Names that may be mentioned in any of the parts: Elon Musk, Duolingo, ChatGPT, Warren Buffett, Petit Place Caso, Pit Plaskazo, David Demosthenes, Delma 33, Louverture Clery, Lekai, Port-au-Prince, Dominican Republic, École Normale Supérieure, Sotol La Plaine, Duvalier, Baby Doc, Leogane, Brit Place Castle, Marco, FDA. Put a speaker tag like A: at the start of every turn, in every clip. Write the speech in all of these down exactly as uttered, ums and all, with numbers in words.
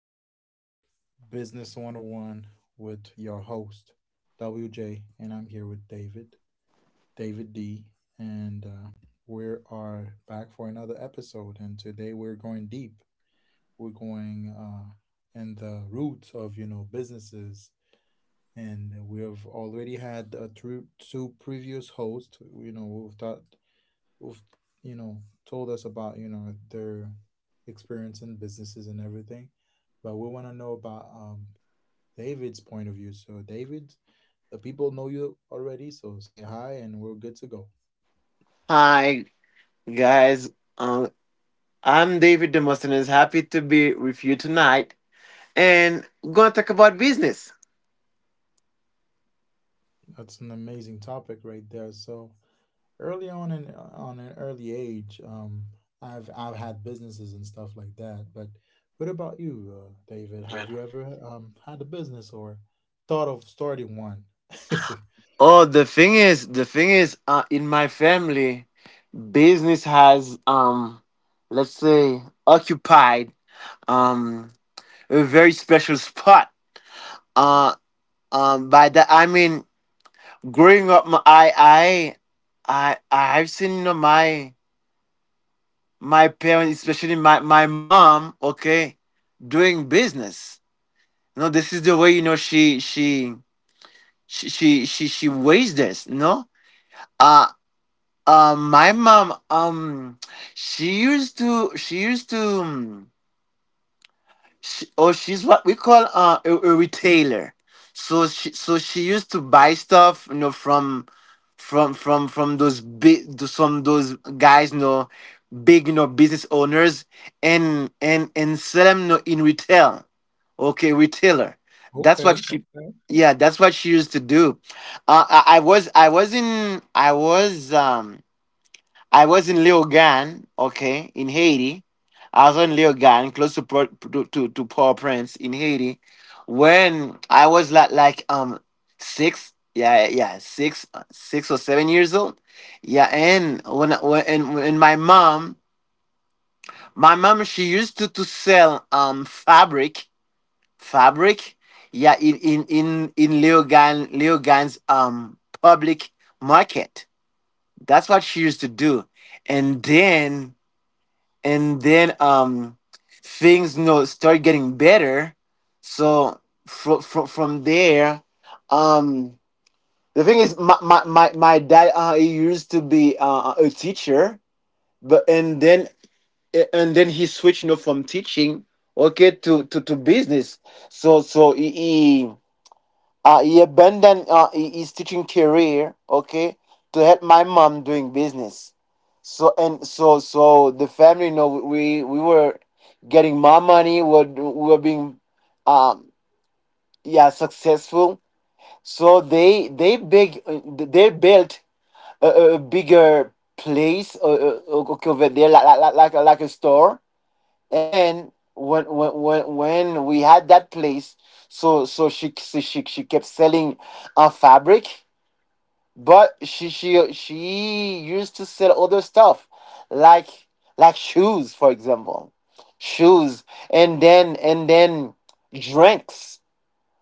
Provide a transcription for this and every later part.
A: of, you know, Business one oh one with your host, W J, and I'm here with David, David D, and uh, we are back for another episode. And today we're going deep. We're going uh, in the roots of, you know, businesses. And we've already had uh, through two previous hosts. You know, we've thought who've you know told us about you know their experience in businesses and everything, but we want to know about um, David's point of view. So David, the people know you already, so say hi and we're good to go.
B: Hi, guys. Um, I'm David Demosthenes. Happy to be with you tonight, and we're gonna talk about business.
A: That's an amazing topic right there. So early on in on an early age, um i've i've had businesses and stuff like that, but what about you, uh, David?
B: Yeah.
A: Have you ever um had a business or thought of starting one?
B: Oh, the thing is, the thing is, uh, in my family, business has um, let's say, occupied um a very special spot. Uh, um, by that I mean, growing up, my, I, I, I, I've seen you know, my my parents, especially my, my mom, okay, doing business. You know, this is the way you know she she she she she, she raised us. You know, uh, uh, my mom, um, she used to she used to. Um, She, oh, she's what we call uh, a, a retailer. So she so she used to buy stuff, you know, from from from from those big some those guys, you know, big you know business owners, and and and sell them, you know, in retail. Okay, retailer. That's what
A: Okay,
B: she—
A: okay.
B: yeah, that's what she used to do. Uh, I, I was I was in I was um I was in Leogane, okay, in Haiti. I was in Leogane, close to Pro- to to, to Port-au-Prince in Haiti, when I was like like um six, yeah yeah six six or seven years old, yeah. And when when and, and my mom, my mom she used to to sell um fabric fabric, yeah, in in in in Leogane, Leogane's um public market. That's what she used to do, and then and then um things, you know, start getting better. So from from from there, um the thing is, my my my, my dad, uh he used to be uh, a teacher, but and then and then he switched, you know, from teaching, okay, to to, to business. so so he, he, uh, he abandoned, uh, his teaching career, okay, to help my mom doing business. So and so so the family, you know, we we were getting more money. We were, we were being, um, yeah, successful. So they they big they built a, a bigger place, uh, uh, okay, over there, like like like like like a store. And when when when when we had that place, so so she so she she kept selling a fabric, but she she she used to sell other stuff, like like shoes for example, shoes, and then and then drinks,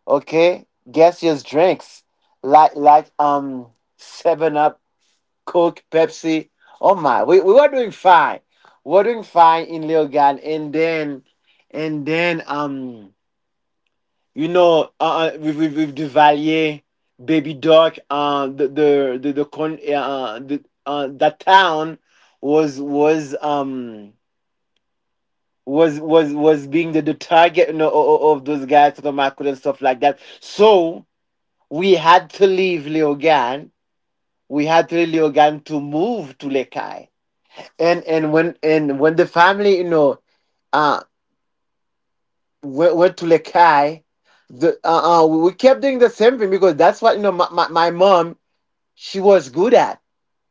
B: okay, gaseous drinks, like like um Seven Up, Coke, Pepsi. Oh my, we, we were doing fine. We were doing fine in Leogan, and then and then um you know, uh, uh, with, with with Duvalier, Baby Doc, uh, the the the, the con uh, the uh, that town was was um was was was being the, the target, you know, of those guys from Marco and stuff like that. So we had to leave Leogane. We had to leave Leogane to move to Lekai. And and when and when the family, you know, uh went, went to Lekai, the uh, uh we kept doing the same thing, because that's what, you know, my, my, my mom she was good at,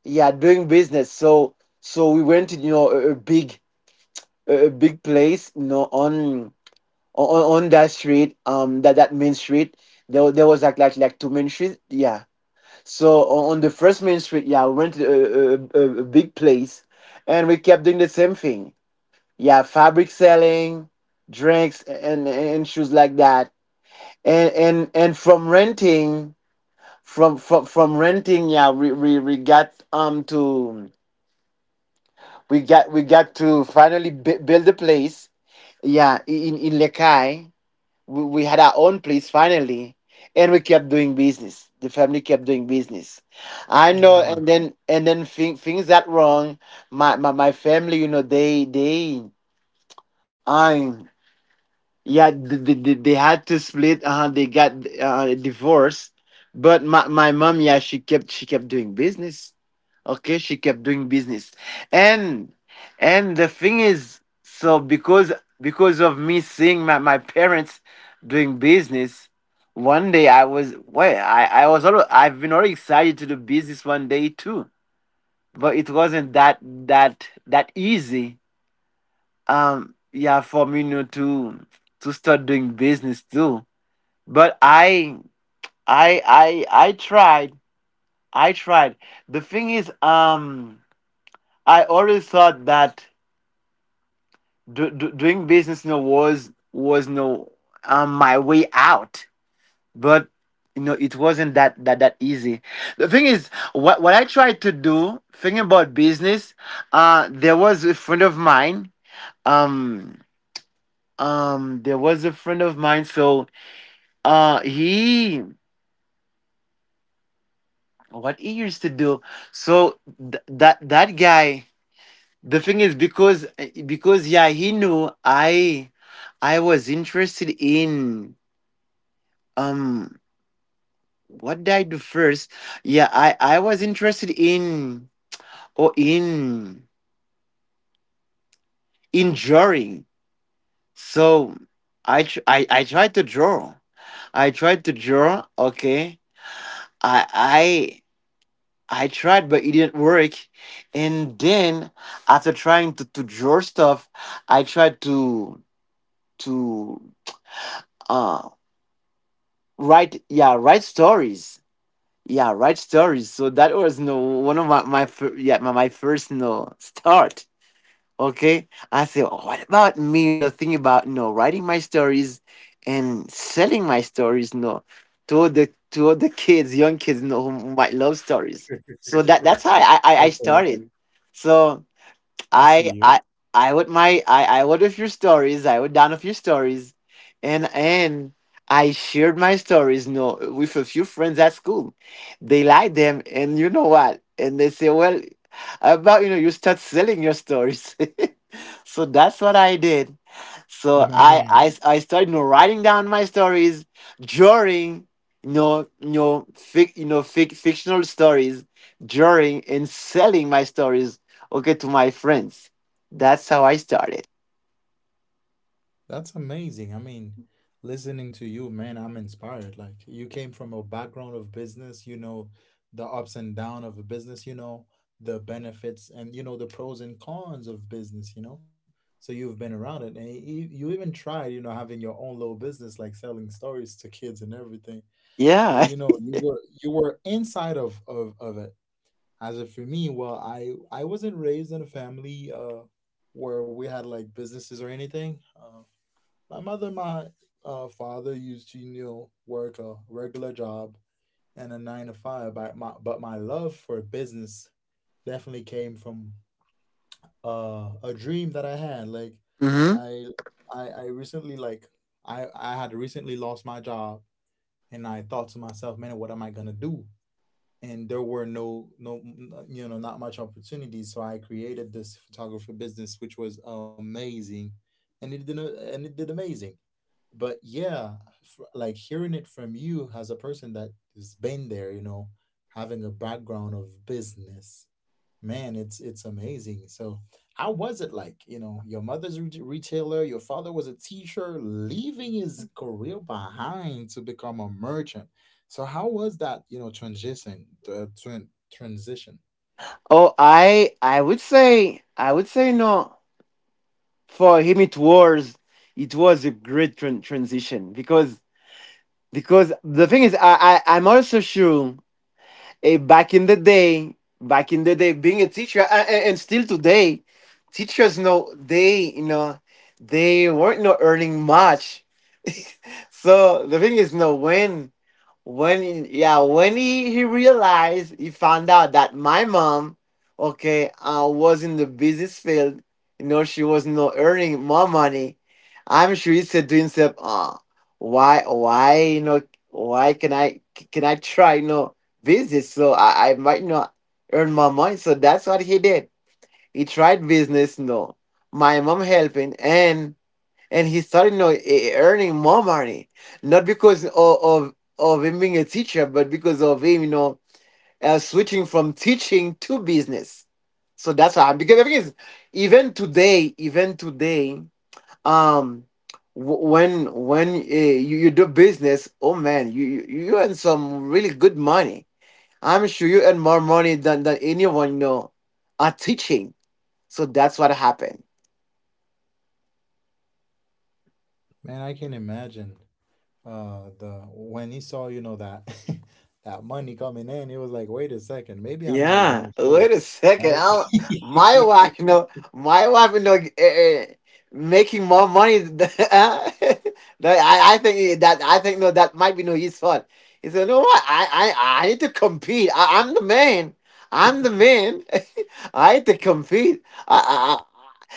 B: yeah, doing business. So so we went, you know, a, a big a a big place, you know, on on, on that street, um that that main street. there, there was like, like like two main streets, yeah. So on, on the first main street, yeah, we went to a, a, a, a big place, and we kept doing the same thing, yeah: fabric selling, drinks, and and shoes like that. And and and from renting from from from renting, yeah, we we, we got um to we got we got to finally b- build a place. Yeah, in in Lekai, we, we had our own place finally, and we kept doing business. The family kept doing business. I know,
A: Wow.
B: and then and then thing, things that wrong. My, my my family, you know, they they. I'm— yeah, they, they, they they had to split. Uh they got uh divorced. But my, my mom, yeah, she kept she kept doing business, okay, she kept doing business. and and the thing is, so, because because of me seeing my, my parents doing business one day, I was— well, i i was already, I've been already excited to do business one day too. But it wasn't that that that easy, um yeah, for me, you know, to to start doing business too. But I i i i tried, I tried. The thing is, um I always thought that do, do, doing business, you know, was was no um my way out. But you know, it wasn't that that that easy. The thing is, what what I tried to do thinking about business— uh there was a friend of mine, um um there was a friend of mine. So, Uh, he what he used to do. So th- that that guy. The thing is, because because yeah, he knew I— I was interested in, um what did I do first? Yeah, I I was interested in or in in drawing. So I tr- I I tried to draw. I tried to draw. Okay. I I I tried, but it didn't work. And then after trying to, to draw stuff, I tried to to uh write, yeah, write stories, yeah, write stories. So that was no one of my my fir- yeah my, my first no start. Okay, I said, oh, what about me? You know, thinking about, you know, writing my stories and selling my stories. No, to the to the kids, young kids, you know, who might love stories. So that that's how I I, I
A: Okay,
B: started. So
A: I see
B: I
A: you.
B: I I would— my— I I would a few stories. I would down a few stories, and and I shared my stories. No, with a few friends at school. They like them, and you know what? And they say, well, about, you know, you start selling your stories. So that's what I did. So I
A: Man,
B: I I started, you know, writing down my stories, drawing. You know, you know, fic, you know, fic, fictional stories, drawing, and selling my stories, okay, to my friends. That's how I started.
A: that's amazing. I mean, listening to you, man, I'm inspired. Like, you came from a background of business, you know, the ups and downs of a business, you know, the benefits and, you know, the pros and cons of business, you know. So you've been around it, and you, you even tried, you know, having your own little business, like selling stories to kids and everything. But
B: Yeah.
A: you know, you were you were inside of of of it. As if for me, well, I I wasn't raised in a family uh where we had like businesses or anything. Um, my mother and my uh, father used to, you know, work a regular job and a nine to five, but my, but my love for business definitely came from uh, a dream that I had. Like,
B: Hmm.
A: I, I, I recently, like, I, I had recently lost my job, and I thought to myself, man, what am I going to do? And there were no, no, n- you know, not much opportunities. So I created this photography business, which was amazing. And it did, a- and it did amazing. But yeah, f- like hearing it from you, as a person that has been there, you know, having a background of business, man, it's it's amazing. So how was it like, you know, your mother's re- retailer, your father was a teacher leaving his career behind to become a merchant. So how was that, you know, transition? The tran- transition?
B: Oh, i i would say, I would say, no, for him it was, it was a great tran- transition. because because the thing is, I, I I'm also sure, eh, back in the day, back in the day being a teacher, and, and still today, teachers, know they, you know, they weren't not earning much. So the thing is, no, when when yeah, when he, he realized, he found out that my mom, okay, uh, was in the business field, you know, she was not earning more money, I'm sure he said to himself, uh, why why you know, why can I— can I try, you know, business, so I, I might not— earn more money. So that's what he did. He tried business, no, my mom helping, and and he started, you know, e- e-, earning more money, not because of, of of him being a teacher, but because of him, you know, uh, switching from teaching to business. So that's why, because the thing is, even today, even today, um, w- when when, uh, you, you do business, oh man, you, you you earn some really good money. I'm sure you earn more money than than anyone you know are teaching. So that's what happened.
A: Man, I can imagine, uh the when he saw, you know, that that money coming in, he was like, wait a second, maybe I'm in the
B: Yeah,
A: wrong field.
B: wait a second.
A: Right.
B: I'm— my wife, you know, my wife, you know, uh, making more money. Than— that I, I think— that I think, no, that might be no his fault. He said, "No, what? I, I, I need to compete. I, I'm the man. I'm the man. I need to compete. I, I,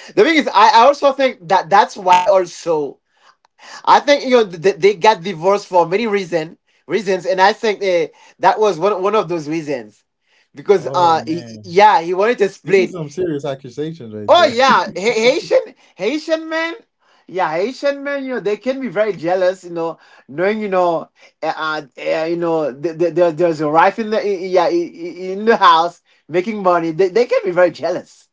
B: I. The thing is, I, I also think that that's why also." I think, you know, they, they got divorced for many reason— reasons, and I think, eh, that was one one of those reasons, because
A: Oh
B: uh he,
A: man,
B: yeah, he wanted to
A: this is
B: split.
A: some serious accusations right
B: Oh
A: there.
B: yeah, Ha- Haitian— Haitian men. Yeah, Haitian men, you know, they can be very jealous, you know, knowing, you know, uh, uh, eh, you know, th- th- there, there's a wife in the, yeah, i- i- in the house making money. They, they can be very jealous.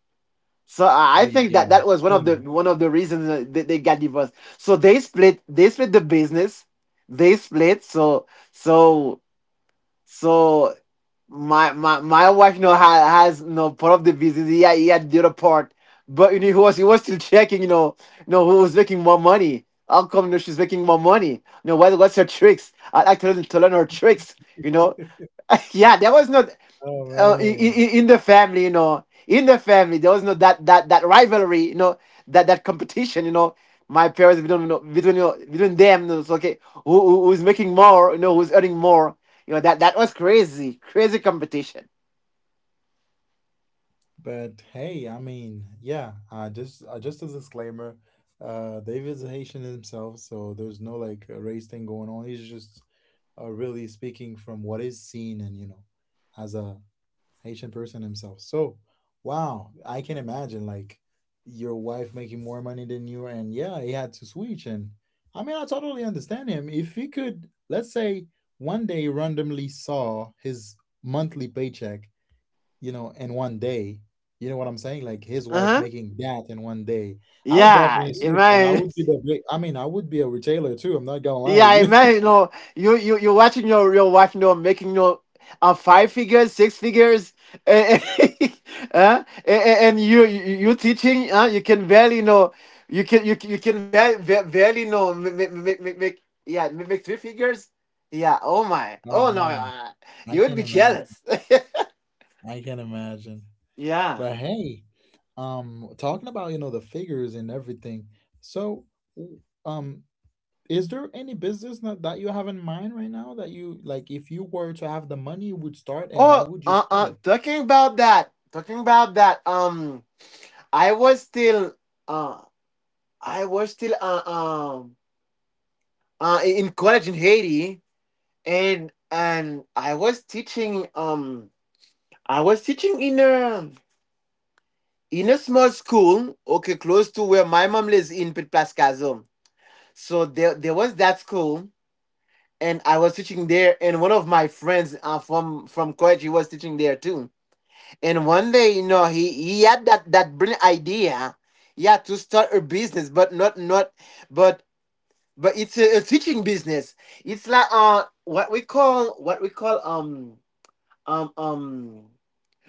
B: So I
A: Oh
B: think
A: yeah.
B: that that
A: I
B: was one of
A: mean.
B: the one of the reasons that they they got divorced. So they split. They split the business. They split. So so so my my my wife, you know, ha, has, you know, part of the business. He had, he had the other part, but you know, he was he was still checking. You know, you know, who was making more money. How come, you know, she's making more money? You know, what what's her tricks? I like to learn— to learn her tricks. You know yeah, that was not,
A: Oh
B: uh, in,
A: man.
B: in the family, you know, in the family, there was no that that that rivalry, you know, that that competition, you know. My parents, between you know, between you know, between them, you know, it's okay. Who, who who's making more? You know, who's earning more? You know that that was crazy, crazy competition.
A: But hey, I mean, yeah, uh just uh, just as a disclaimer, uh David's a Haitian himself, so there's no like a race thing going on. He's just uh, really speaking from what is seen, and you know, as a Haitian person himself. So wow, I can imagine, like, your wife making more money than you, and yeah, he had to switch. And I mean, I totally understand him. If he could, let's say, one day he randomly saw his monthly paycheck, you know, in one day. You know what I'm saying? Like his
B: Uh
A: wife
B: huh.
A: making that in one day. I would
B: Yeah,
A: definitely
B: you
A: switch, and I
B: man.
A: would be the big. I mean, I would be a retailer too. I'm not gonna lie
B: Yeah,
A: to
B: I
A: you.
B: imagine. You know, you you you're watching your your wife, you know, making you know, uh, five figures, six figures, eh, eh, huh? Eh, eh, and, you you you teaching, huh? You can barely you know, you can you you can barely barely you know make make make, make yeah ma- make three figures. Yeah. Oh my.
A: Oh
B: Oh no.
A: man,
B: Uh,
A: I
B: you would
A: can
B: be
A: imagine.
B: jealous.
A: I can imagine.
B: Yeah.
A: But hey, um, talking about, you know, the figures and everything. So, w- um, is there any business that, that you have in mind right now that you, like, if you were to have the money, you would start, and how
B: Oh.
A: would you
B: Uh.
A: start
B: Uh.
A: it?
B: Talking about that. Talking about that. Um. I was still. Uh. I was still. Uh. Um uh, in college in Haiti, and and I was teaching. Um, I was teaching in a in a small school, okay, close to where my mom lives in Pit Plaskazo. So there there was that school, and I was teaching there, and one of my friends, uh, from from college, he was teaching there too. And one day, you know, he he had that that brilliant idea, yeah, to start a business, but not not, but But it's a, a teaching business. It's like, uh what we call what we call um um um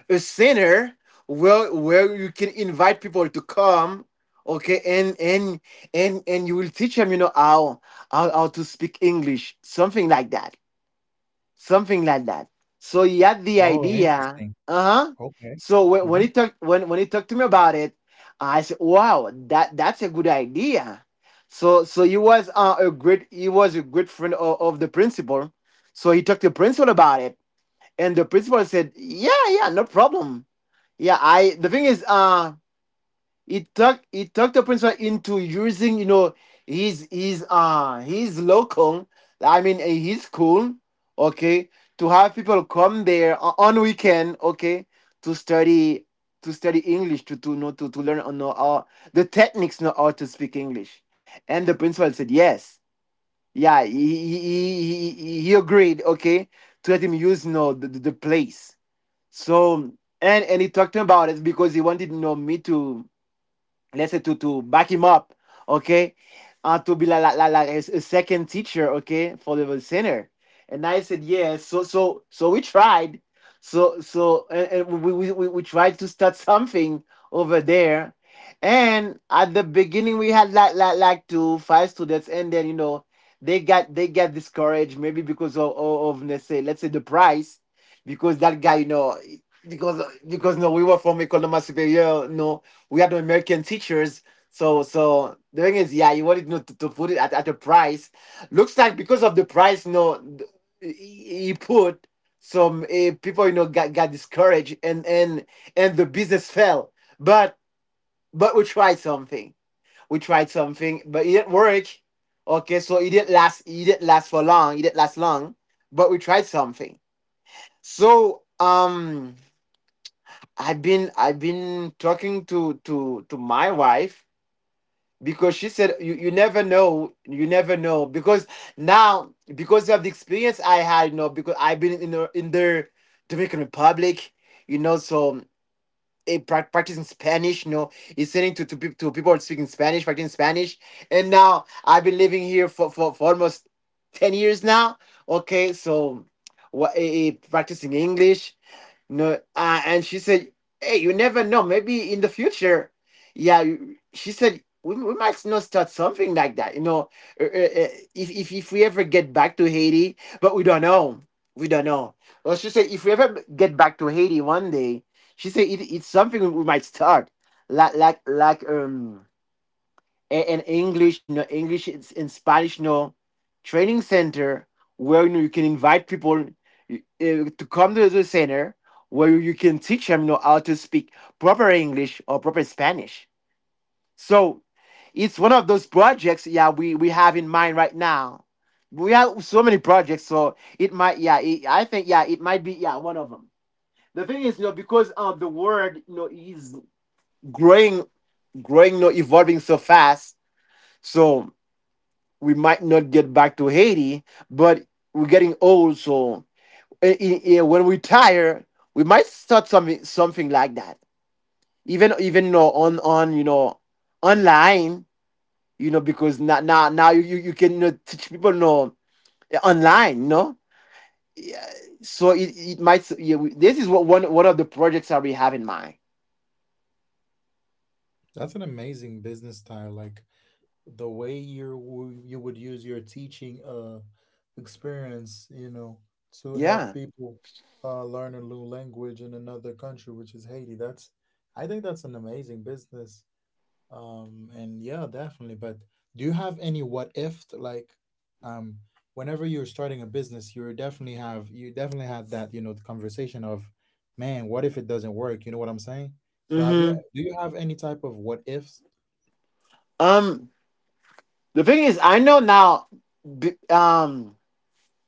B: a center where where you can invite people to come, okay, and and and and you will teach them, you know, how how, how to speak English, something like that something like that. So he had the
A: Oh,
B: idea.
A: interesting.
B: Uh huh.
A: Okay.
B: So when, when
A: Hmm.
B: he talked when when he talked to me about it, I said, "Wow, that that's a good idea." So so he was, uh, a great he was a great friend of, of the principal. So he talked to the principal about it, and the principal said, "Yeah, yeah, no problem." Yeah, I the thing is, uh it took it took the principal into using, you know, his his uh his local, I mean, uh, his school, okay, to have people come there o- on weekend, okay, to study, to study English, to to know to, to learn, uh, know all the techniques, know how to speak English. And the principal said yes. Yeah, he he, he, he he agreed, okay, to let him use, you know, the, the the place. So and and he talked about it, because he wanted, you know, me to, let's say, to to back him up, okay, uh, to be like like, like, like a, s- a second teacher, okay, for the center. And I said yes. So so so we tried. So so and, and we, we we we tried to start something over there. And at the beginning we had like like like two five students, and then, you know, they got they got discouraged, maybe because of of, of let's say, let's say the price, because that guy, you know, because because no, we were from École Normale Supérieure. No, we had American teachers. So so the thing is, yeah, you wanted, you know, to, to put it at, at a price. Looks like because of the price, no, th- he he put some, uh, people, you know, got, got discouraged, and and and the business fell. But but we tried something. We tried something, but it didn't work. Okay, so it didn't last. It didn't last for long. It didn't last long. But we tried something. So um. I've been I've been talking to to to my wife, because she said, you, you never know you never know because now, because of the experience I had, you know, because I've been in the in the Dominican Republic, you know, so a practicing Spanish, you know, listening to to, pe- to people speaking Spanish, practicing Spanish, and now I've been living here for for, for almost ten years now, okay, so what eh, eh, practicing English, no, uh, and she said, "Hey, you never know. Maybe in the future, yeah." you- She said, "We, we might not start something like that. You know, uh, uh, uh, if if if we ever get back to Haiti, but we don't know. We don't know." Well, she said, "If we ever get back to Haiti one day, she said it, it's something we might start, like like like um." A- an English, you know, English, it's in Spanish, you know, training center where, you know, you can invite people, uh, to come to the center, where you can teach them, you know, how to speak proper English or proper Spanish." So it's one of those projects, yeah, we we have in mind right now. We have so many projects, so it might, yeah, it, I think, yeah, it might be, yeah, one of them. The thing is, you know, because, um, the world, you know, is growing, growing, you know, evolving so fast. So we might not get back to Haiti, but we're getting old, so, eh, eh, eh, when we tire, we might start something something like that. Even even, you know, on on you know online, you know, because now now now you you you can, you know, teach people, you know, eh, online, you know. So it, it might, yeah, we- this is what one one of the projects that we have in mind.
A: That's an amazing business style. Like the way you w- you would use your teaching uh experience, you know, to help
B: Yeah.
A: people uh learn a new language in another country, which is Haiti. That's, I think that's an amazing business. Um, and yeah, definitely. But do you have any what if, like, um, whenever you're starting a business, you definitely have, you definitely had that, you know, the conversation of, man, what if it doesn't work? You know what I'm saying? So have you,
B: Mm-hmm.
A: do you have any type of what ifs?
B: Um. The thing is, I know now. b- Um.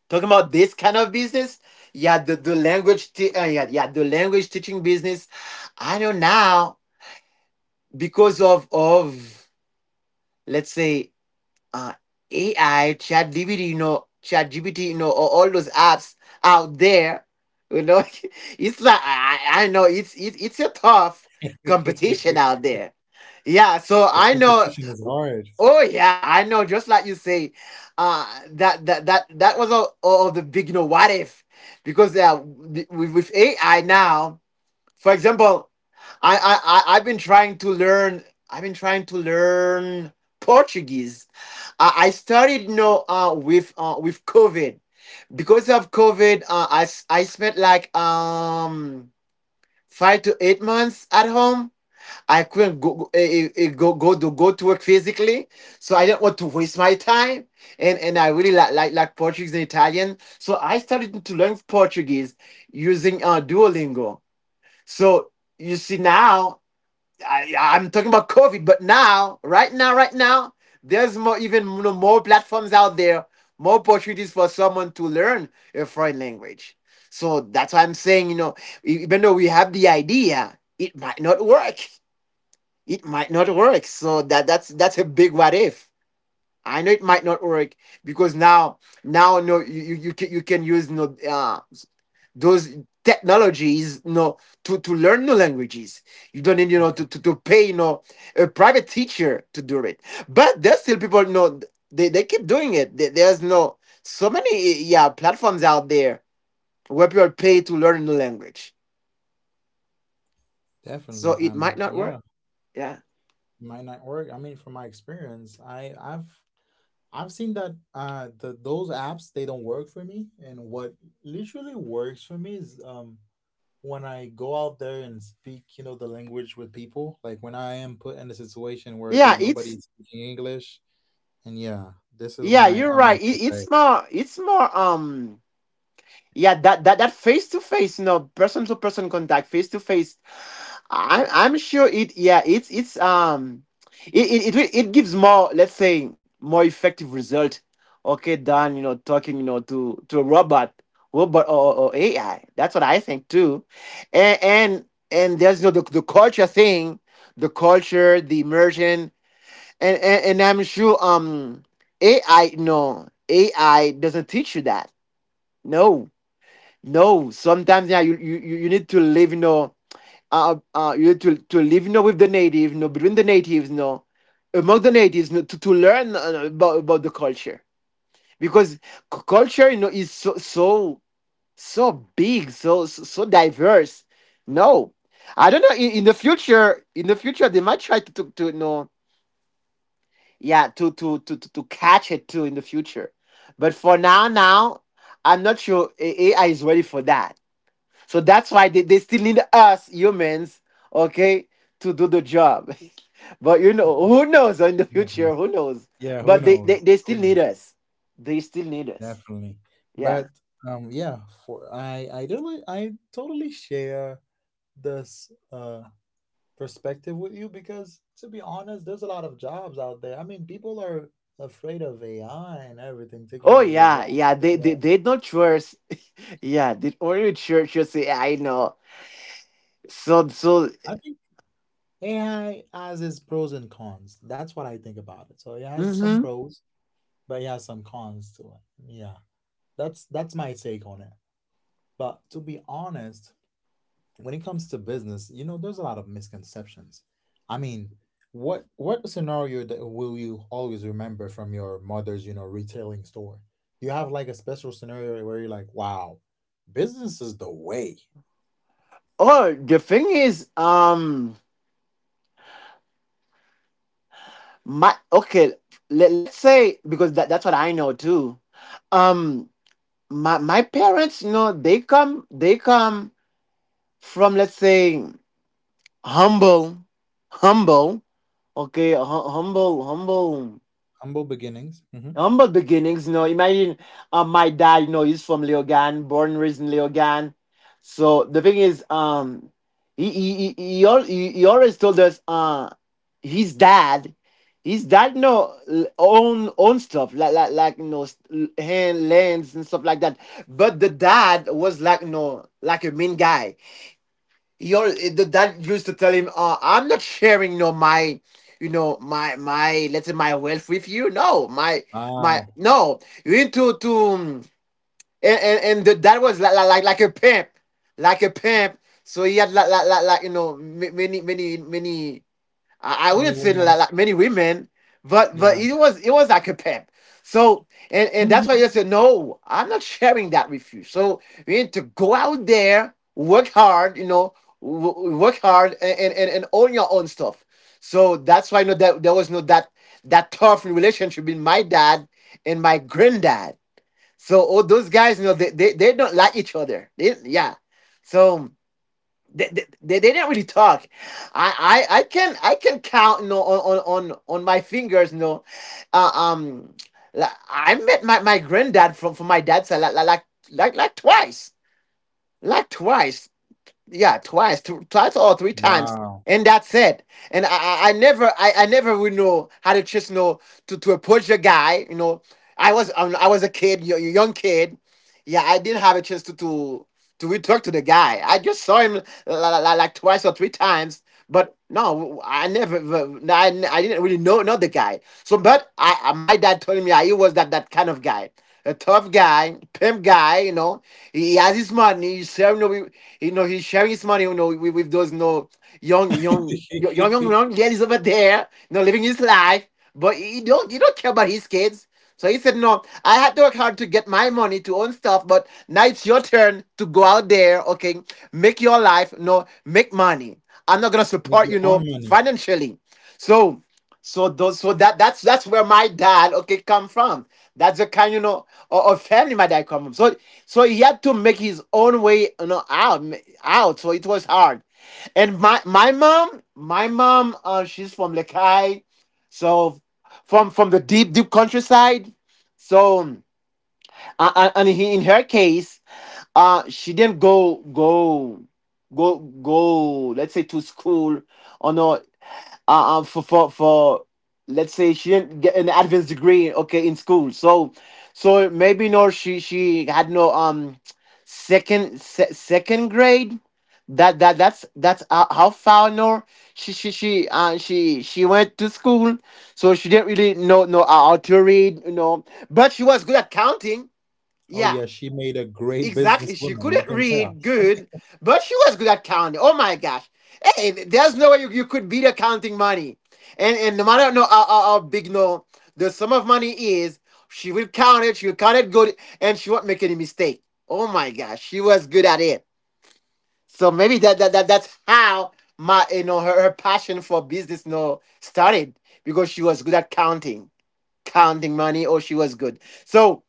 B: Talking about this kind of business, yeah, the, the language uh, yeah, yeah the language teaching business. I know now because of of let's say, uh A I, ChatGPT, you know, ChatGPT, you know, or all those apps out there, you know. It's like, i, I know, it's, it it's a tough competition out there. Yeah, so
A: The
B: I know.
A: competition is hard.
B: Oh yeah, I know. Just like you say, uh, that that that that was all, all of the big, you know, what if, because, uh, with, with A I now, for example, I I I- I've been trying to learn. I've been trying to learn Portuguese. I, I started, you know, uh with uh with COVID, because of COVID. Uh, I s- I spent like, um five to eight months at home. I couldn't go go, eh, eh, eh, go go to go to work physically, so I didn't want to waste my time. And and I really like like, like Portuguese and Italian, so I started to learn Portuguese using, uh, Duolingo. So you see now, I, I'm talking about COVID, but now, right now, right now, there's more, even, you know, more platforms out there, more opportunities for someone to learn a foreign language. So that's why I'm saying, you know, e- even though we have the idea, it might not work it might not work. So that that's that's a big what if. I know it might not work, because now now no, you you you can, you can use no, uh, those technologies, no, to to learn new languages. You don't need, you know, to
A: Okay,
B: to, to pay, you know, a private teacher to do it. But there's still people, you know, they they keep doing it. There- There's no so many, yeah, platforms out there where people pay to learn a new language. So
A: definitely.
B: it
A: Um,
B: might not
A: yeah,
B: work. Yeah.
A: might not work. I mean, from my experience, I I've I've seen that uh the those apps, they don't work for me, and what literally works for me is, um, when I go out there and speak, you know, the language with people, like when I am put in a situation where
B: Yeah,
A: there's nobody
B: it's.
A: speaking English, and yeah, this is when
B: Yeah,
A: I
B: you're
A: I'm like,
B: right. It,
A: okay.
B: it's more, it's more, um, yeah, that that that face to face, you know, person to person contact, face to face. I'm I'm sure it. Yeah, it's it's um, it it it, will- it gives more, let's say, more effective result. Okay, than, you know, talking, you know, to to a robot, robot or, or or A I. That's what I think too, and and and there's, you know, the the culture thing, the culture, the immersion, and, and and I'm sure, um A I, no, A I doesn't teach you that. No, no. Sometimes, yeah, you you, you need to live, you know, uh, uh you need to to live, you know, with the native, you know, between the natives, you know, among the natives, you know, to to learn, uh, about about the culture, because, c- culture, you know, is so so so big, so so, so diverse. No. I don't know. In, in the future, in the future, they might try to to, to you know, yeah, to to to to to catch it too in the future. But for now now I'm not sure A- ai is ready for that, so that's why they, they still need us humans, okay, to do the job. But, you know, who knows, in the
A: Definitely.
B: future, who knows?
A: Yeah, who
B: But they they,
A: knows,
B: they
A: who
B: still need
A: knows.
B: us. they still need us
A: Definitely.
B: yeah.
A: But um, yeah, for I I totally, I totally share this uh perspective with you, because to be honest, there's a lot of jobs out there. I mean, people are afraid of A I and everything taking
B: Oh
A: over their
B: yeah,
A: jobs.
B: yeah,
A: But
B: they
A: yeah,
B: they, they don't trust. Yeah, the only church just say I know. so so
A: I think A I has its pros and cons. That's what I think about it. So it has some
B: mm-hmm.
A: pros, but it has some cons to it. Yeah. That's that's my take on it. But to be honest, when it comes to business, you know, there's a lot of misconceptions. I mean, what what scenario that will you always remember from your mother's, you know, retailing store? Do you have like a special scenario where you're like, wow, business is the way?
B: oh the thing is um my okay let, let's say because that, that's what I know too. um my my parents, you know, they come they come from, let's say, humble humble okay hu- humble humble
A: Humble beginnings. Hmm.
B: humble beginnings, you know. Imagine, um, my dad, you know, he's from Leogan, born and raised in Leogan. So the thing is, um, he he he, he, al- he, he always told us, uh, his dad, his dad, you know, l- own own stuff, like like like you know, st- hand lands and stuff like that. But the dad was, like, you know, like a mean guy. Your The dad used to tell him, uh, "I'm not sharing, you know, my, you know, my my let's say my wealth with you. No, my my
A: Wow.
B: no, you need to to mm, and and, and the dad was like like like a pimp, like a pimp. So he had like like like, like, you know, ma- many many many. I, I wouldn't
A: Many
B: say, that
A: women.
B: like, many women, but but
A: Yeah.
B: it was, it was like a pimp. So and and that's why you said no, I'm not sharing that with you. So we need to go out there, work hard, you know, work hard and and and own your own stuff. So that's why, you know, that there was no, that that tough relationship between my dad and my granddad. So all those guys, you know, they, they, they don't like each other. They, yeah. So they, they, they didn't really talk. I, I, I can, I can count, you know, on, on on on my fingers. You know, uh, um, like, I met my, my granddad from from my dad's side like like like like twice, like twice. Yeah, twice, two, twice or three times,
A: Wow.
B: and that's it. And I I, I never I, I never would know how to, just, you know, to to approach a guy. You know, I was, um, I was a kid, y- a young kid. Yeah, I didn't have a chance to to to really talk to the guy. I just saw him, like, like twice or three times, but no, I never. No, I, I didn't really know know the guy. So, but I- uh, my dad told me, yeah, he was that that kind of guy. A tough guy, pimp guy, you know. He has his money. He's sharing, you know, he- you know, he's sharing his money, you know, with, with those, you know, young, young, young, young, young ladies over there, you know, living his life. But he don't, he don't care about his kids. So he said, no, I had to work hard to get my money to own stuff, but now it's your turn to go out there, okay? Make your life, no, make money. I'm not gonna
A: Make
B: support
A: your
B: you, no,
A: own money.
B: financially. So, so those, so that that's that's where my dad, okay, come from. That's the kind, you know, of, of family my dad come from. So, so he had to make his own way, you know, out, out. So it was hard. And my my mom, my mom, uh, she's from Lekai, so from from the deep deep countryside. So uh, uh, and he, in her case, uh she didn't go go go go let's say to school, or no, uh, uh, for for for let's say, she didn't get an advanced degree, okay, in school. So, so maybe no, she, she had no, um second, se- second grade. That that that's that's uh, how far, no, she she she uh, she she went to school. So she didn't really know know how to read, you know, but she was good at counting.
A: Oh
B: Yeah.
A: yeah, she made a great
B: Exactly. She
A: businesswoman. I
B: couldn't
A: can tell.
B: read
A: He
B: good, but she was good at counting. Oh my gosh. Hey, there's no way you, you could beat accounting money. And and no matter no how, how, how big, no, the sum of money is, she will count it, she'll count it good, and she won't make any mistake. Oh my gosh, she was good at it. So maybe that that, that that's how my, you know, her, her passion for business, you know, started, because she was good at counting. Counting money, oh she was good. So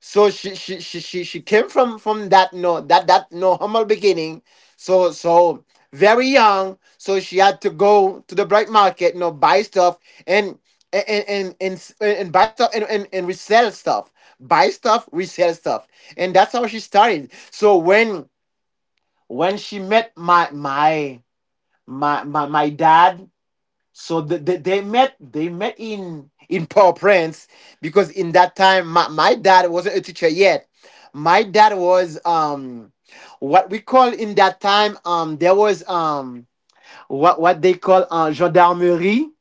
B: so she she she she, she came from from that, no, that that no, humble beginning. So, so, very young, so she had to go to the black market, you know, buy stuff, and and and and, and buy stuff and, and and resell stuff, buy stuff, resell stuff, and that's how she started. So when when she met my my my my, my dad. So the, the, they met, they met in in Port-au-Prince, because in that time my, my dad wasn't a teacher yet. My dad was, um what we call in that time, um there was, um what what they call, uh, gendarmerie.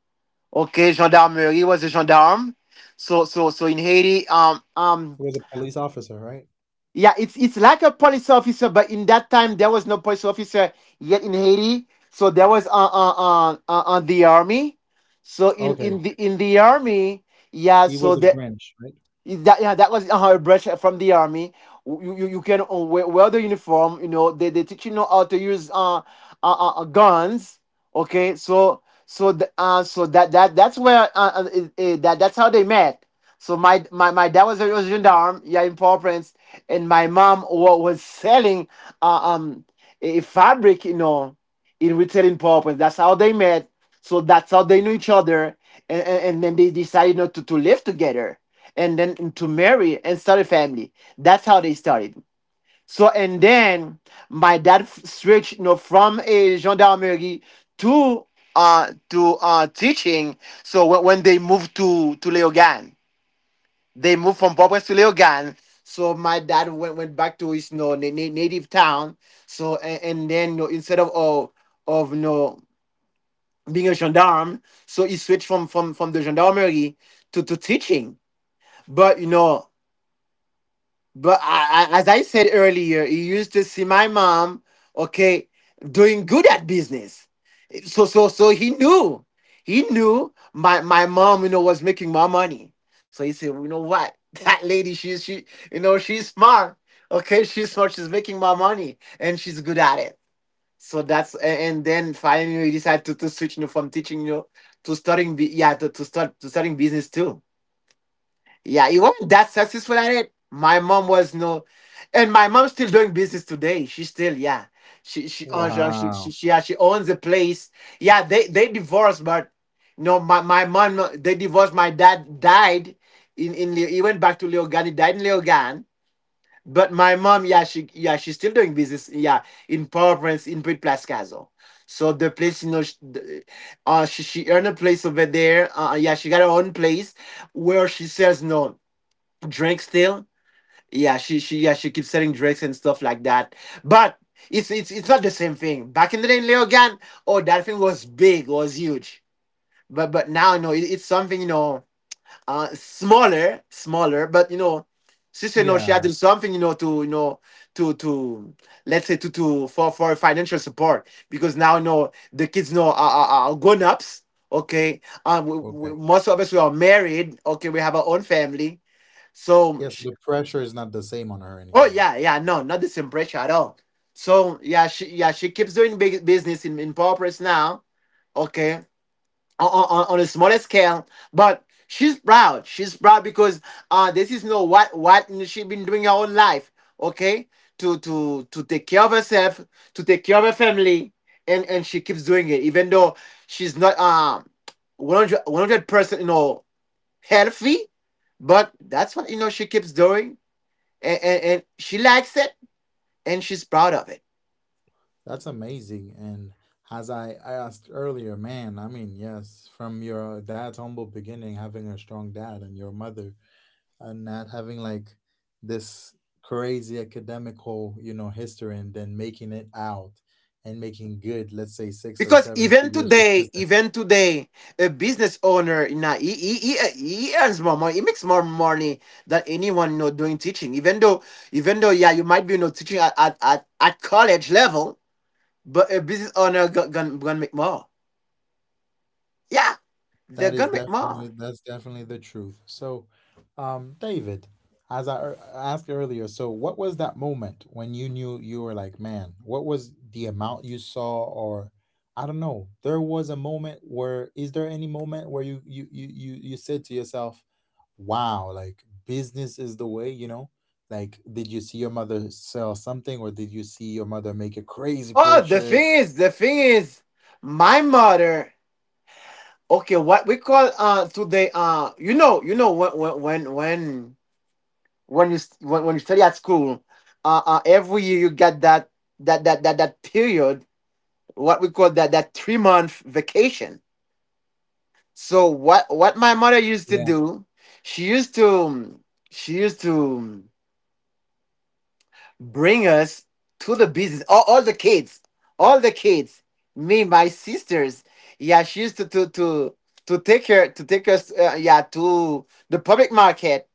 B: Okay, gendarmerie was a gendarme. So so so in Haiti. Um um
A: was a police officer, right?
B: yeah, it's it's like a police officer, but in that time there was no police officer yet in Haiti, so there was on on on, on the army. So in
A: Okay.
B: in the in the army, yeah.
A: He
B: So
A: was a
B: the.
A: branch, right?
B: Is that, yeah? That was uh, a brush from the army. You you, you can, uh, wear, wear the uniform. You know, they they teach, you know, how to use, uh, uh, uh uh, guns. Okay, so so th- uh so that that that's where uh, uh, it, it- that that's how they met. So my my, my dad was a was a gendarme, yeah, in Port-au-Prince, and my mom was, was selling uh, um a fabric, you know, in written purpose. That's how they met. So that's how they knew each other. And, and, and then they decided not to, to live together, and then to marry and start a family. That's how they started. So, and then my dad switched, you know, from a gendarmerie to uh to uh teaching. So when, when they moved to to Leogane, they moved from Popes to Leogane. So my dad went went back to his, you know, na- native town. So and, and then, you know, instead of, oh, of no, being a gendarme. So he switched from from from the gendarmerie to to teaching. But you know, but I, I, as I said earlier, he used to see my mom, okay, doing good at business. So so so he knew, he knew my my mom, you know, was making my money. So he said, you know what, that lady, she's she, you know, she's smart. Okay, she's smart. She's making my money, and she's good at it. So that's a- and then finally we decided to, to switch, you know, from teaching, you know, to starting bu- yeah, to, to start to starting business too. Yeah, it wasn't that successful at it. My mom was no, and my mom's still doing business today. She still, yeah, she she owns, uh, she she
A: Wow.
B: she, yeah, she owns a place. Yeah, they they divorced, but no, my my mom no, they divorced. My dad died in in Leo- he went back to Leogan. He died in Leogan, but my mom, yeah, she, yeah, she's still doing business, yeah, in Port-au-Prince, in Brit Place Castle. So the place, you know, she, uh, she she earned a place over there. Uh, yeah, she got her own place where she sells, no, drinks still. Yeah, she she yeah, she keeps selling drinks and stuff like that. But it's it's it's not the same thing. Back in the day in Leogan, oh, that thing was big, was huge. But but now, you know, it, it's something, you know, uh, smaller, smaller, but you know, sister, you know, she had
A: Yeah.
B: to do something, you know, to, you know, to to let's say, to to for for financial support, because now, you know, the kids know are, are, are grown ups. Okay, um, we, we,
A: Okay.
B: most of us, we are married. Okay, we have our own family. So,
A: Yeah, so
B: she,
A: the pressure is not the same on her
B: oh
A: anymore.
B: yeah, yeah, no, not the same pressure at all. So yeah, she yeah, she keeps doing big business in in Paw now. Okay, on, on, on a smaller scale. But she's proud. She's proud because, uh, this is, you know, what what she's been doing her whole life. Okay, to to to take care of herself, to take care of her family, and and she keeps doing it even though she's not um one hundred percent, you know, healthy. But that's what, you know, she keeps doing, and, and, and she likes it, and she's proud of it.
A: That's amazing. And as I, I asked earlier, man, I mean, yes, from your dad's humble beginning, having a strong dad and your mother, and not having like this crazy academical, you know, history, and then making it out and making good, let's say, six or
B: Because
A: seven
B: even
A: figures with
B: today,
A: business.
B: even today, a business owner, nah, he, he, he, he earns more money. He makes more money than anyone, you know, doing teaching. Even though, even though, yeah, you might be, you know, teaching at, at, at, at college level, but a business owner gonna, gonna, gonna make more. Yeah, they're
A: That
B: gonna
A: is
B: make
A: definitely,
B: more.
A: that's definitely the truth. So, um, David, as I ear- asked earlier, so what was that moment when you knew, you were like, man, what was the amount you saw, or I don't know, there was a moment where, is there any moment where you you you you you said to yourself, wow, like business is the way, you know? Like, did you see your mother sell something, or did you see your mother make a crazy
B: Oh, the thing
A: purchase?
B: is, the thing is, my mother. Okay, what we call uh today, uh you know you know when when when when when you st- when, when you study at school, uh, uh every year you get that that that that that period, what we call that that three month vacation. So what what my mother used to
A: Yeah,
B: do, she used to she used to bring us to the business. All, all the kids, all the kids, me, my sisters. Yeah, she used to to to, to take her to take us. Uh, yeah, to the public market,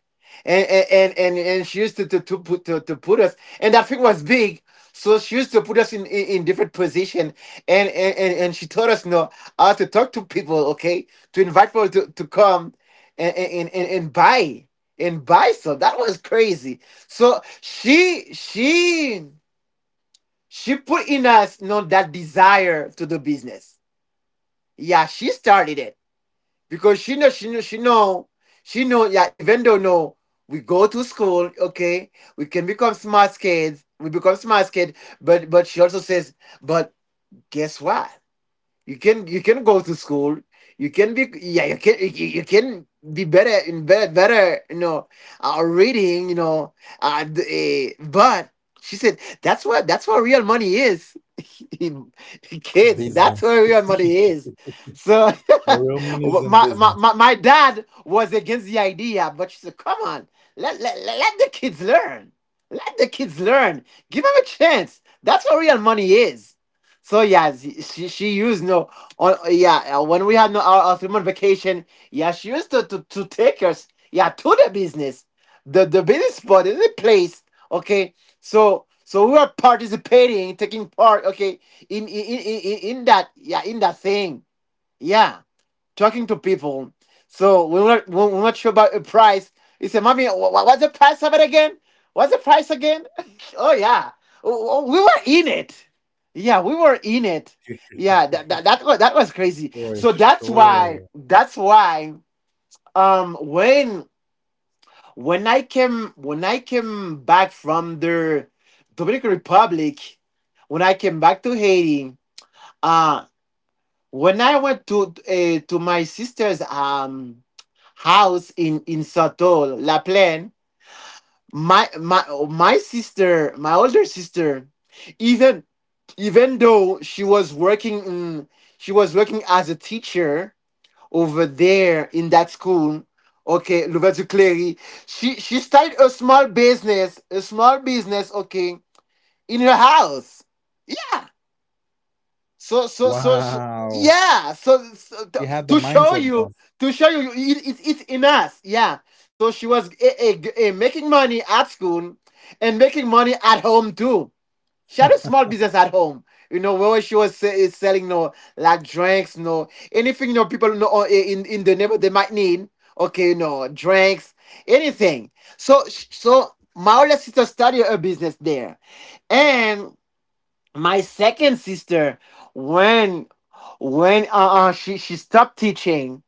B: and and and, and she used to to to put to, to put us. And that thing was big. So she used to put us in, in, in different position, and, and, and, and she taught us, you know, how to talk to people, okay? To invite people to, to come, and, and, and, and buy and buy some. That was crazy. So she she she put in us, you know, that desire to do business. Yeah, she started it because she know she know she know she know. Yeah, even though no, we go to school. Okay, we can become smart kids. We become smart kids. But but she also says, but guess what? You can you can go to school. You can be, yeah. You can you, you can be better in better better, you know, uh, reading, you know. Uh, d- eh, but she said, that's what that's what real money is. Kids, that's
A: business.
B: where real money is. So
A: The real money is in
B: my, my
A: business.
B: my my dad was against the idea, but she said, "Come on, let let let let the kids learn. Let the kids learn. Give them a chance. That's what real money is." So yeah, z- she she used, no, on, yeah, uh, when we had, no, our, our three month vacation. Yeah, she used to, to to take us, yeah, to the business, the the business spot in the place. Okay, so so we were participating, taking part. Okay, in in in in, in in that, yeah, in that thing. Yeah, talking to people. So we're not, we're not sure about the price. He said, "Mommy, wha- wha- what's the price of it again? What's the price again?" Oh, yeah. Oh, oh, we were in it. Yeah, we were in it. Yeah, that that that was, that was crazy.
A: For
B: So that's why
A: sure.
B: that's why um when when I came when I came back from the Dominican Republic, when I came back to Haiti, uh when I went to, uh, to my sister's, um house in in Sotol La Plaine, my my my sister, my older sister, even even though she was working in, she was working as a teacher over there in that school, okay, Louverture Clery, she she started a small business, a small business, okay, in her house. So so so so,
A: Wow.
B: yeah. So, so to,
A: She had
B: to
A: the
B: show
A: mindset
B: you,
A: though.
B: to show you it, it, it's in us. Yeah. So she was, eh, eh, eh, making money at school, and making money at home too. She had a small business at home. You know, where she was, se- eh, selling, no, like drinks, no, anything, you know, people know, oh, eh, in in the neighborhood they might need. Okay, you know, drinks, anything. So so my older sister started a business there, and my second sister, when when, uh, uh she she stopped teaching,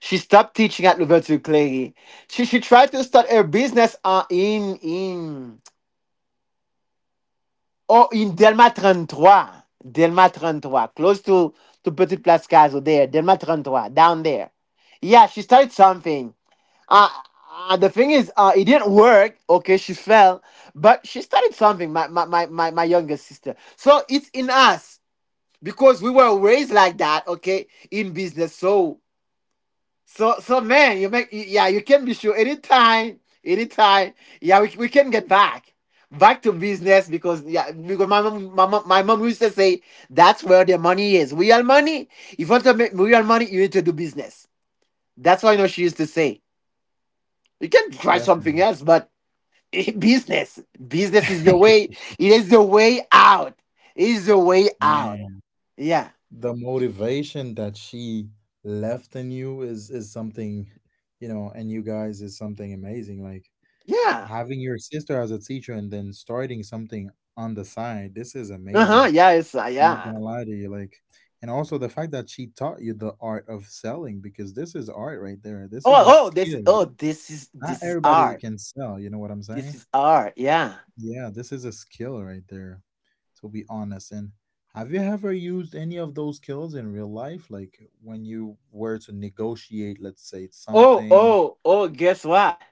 B: she stopped teaching at Louverture Clery. She she tried to start her business, uh, in, in oh in Delma thirty-three. Delma thirty-three, close to, to Petit Place Caso there, Delma thirty-three, down there. Yeah, she started something. Uh, uh the thing is, uh it didn't work. Okay, she fell, but she started something, my my my, my my younger sister. So it's in us because we were raised like that, okay, in business. So so so, man, you make, yeah, you can be sure, anytime anytime, yeah, we, we can get back back to business, because, yeah, because my mom my mom, my mom used to say, that's where the money is, real money. If you want to make real money, you need to do business. That's why, you know, she used to say, you can try something
A: Definitely.
B: else, but business business is the way. It is the way out. it is the way out
A: Man,
B: yeah.
A: the motivation that she left in you is is something, you know, and you guys, is something amazing. Like,
B: Yeah.
A: having your sister as a teacher and then starting something on the side, this is
B: Uh huh.
A: amazing.
B: Yeah, it's, uh,
A: Not
B: yeah.
A: gonna lie to you, like, and also the fact that she taught you the art of selling, because this is art right there. This is a
B: Oh, oh, this is
A: skill.
B: oh, this is
A: Not
B: this is
A: everybody that
B: art.
A: can sell, you know what I'm
B: This
A: saying?
B: is art. Yeah.
A: Yeah, this is a skill right there, to be honest. And have you ever used any of those skills in real life? Like, when you were to negotiate, let's say,
B: Oh,
A: something.
B: oh, oh. Guess what?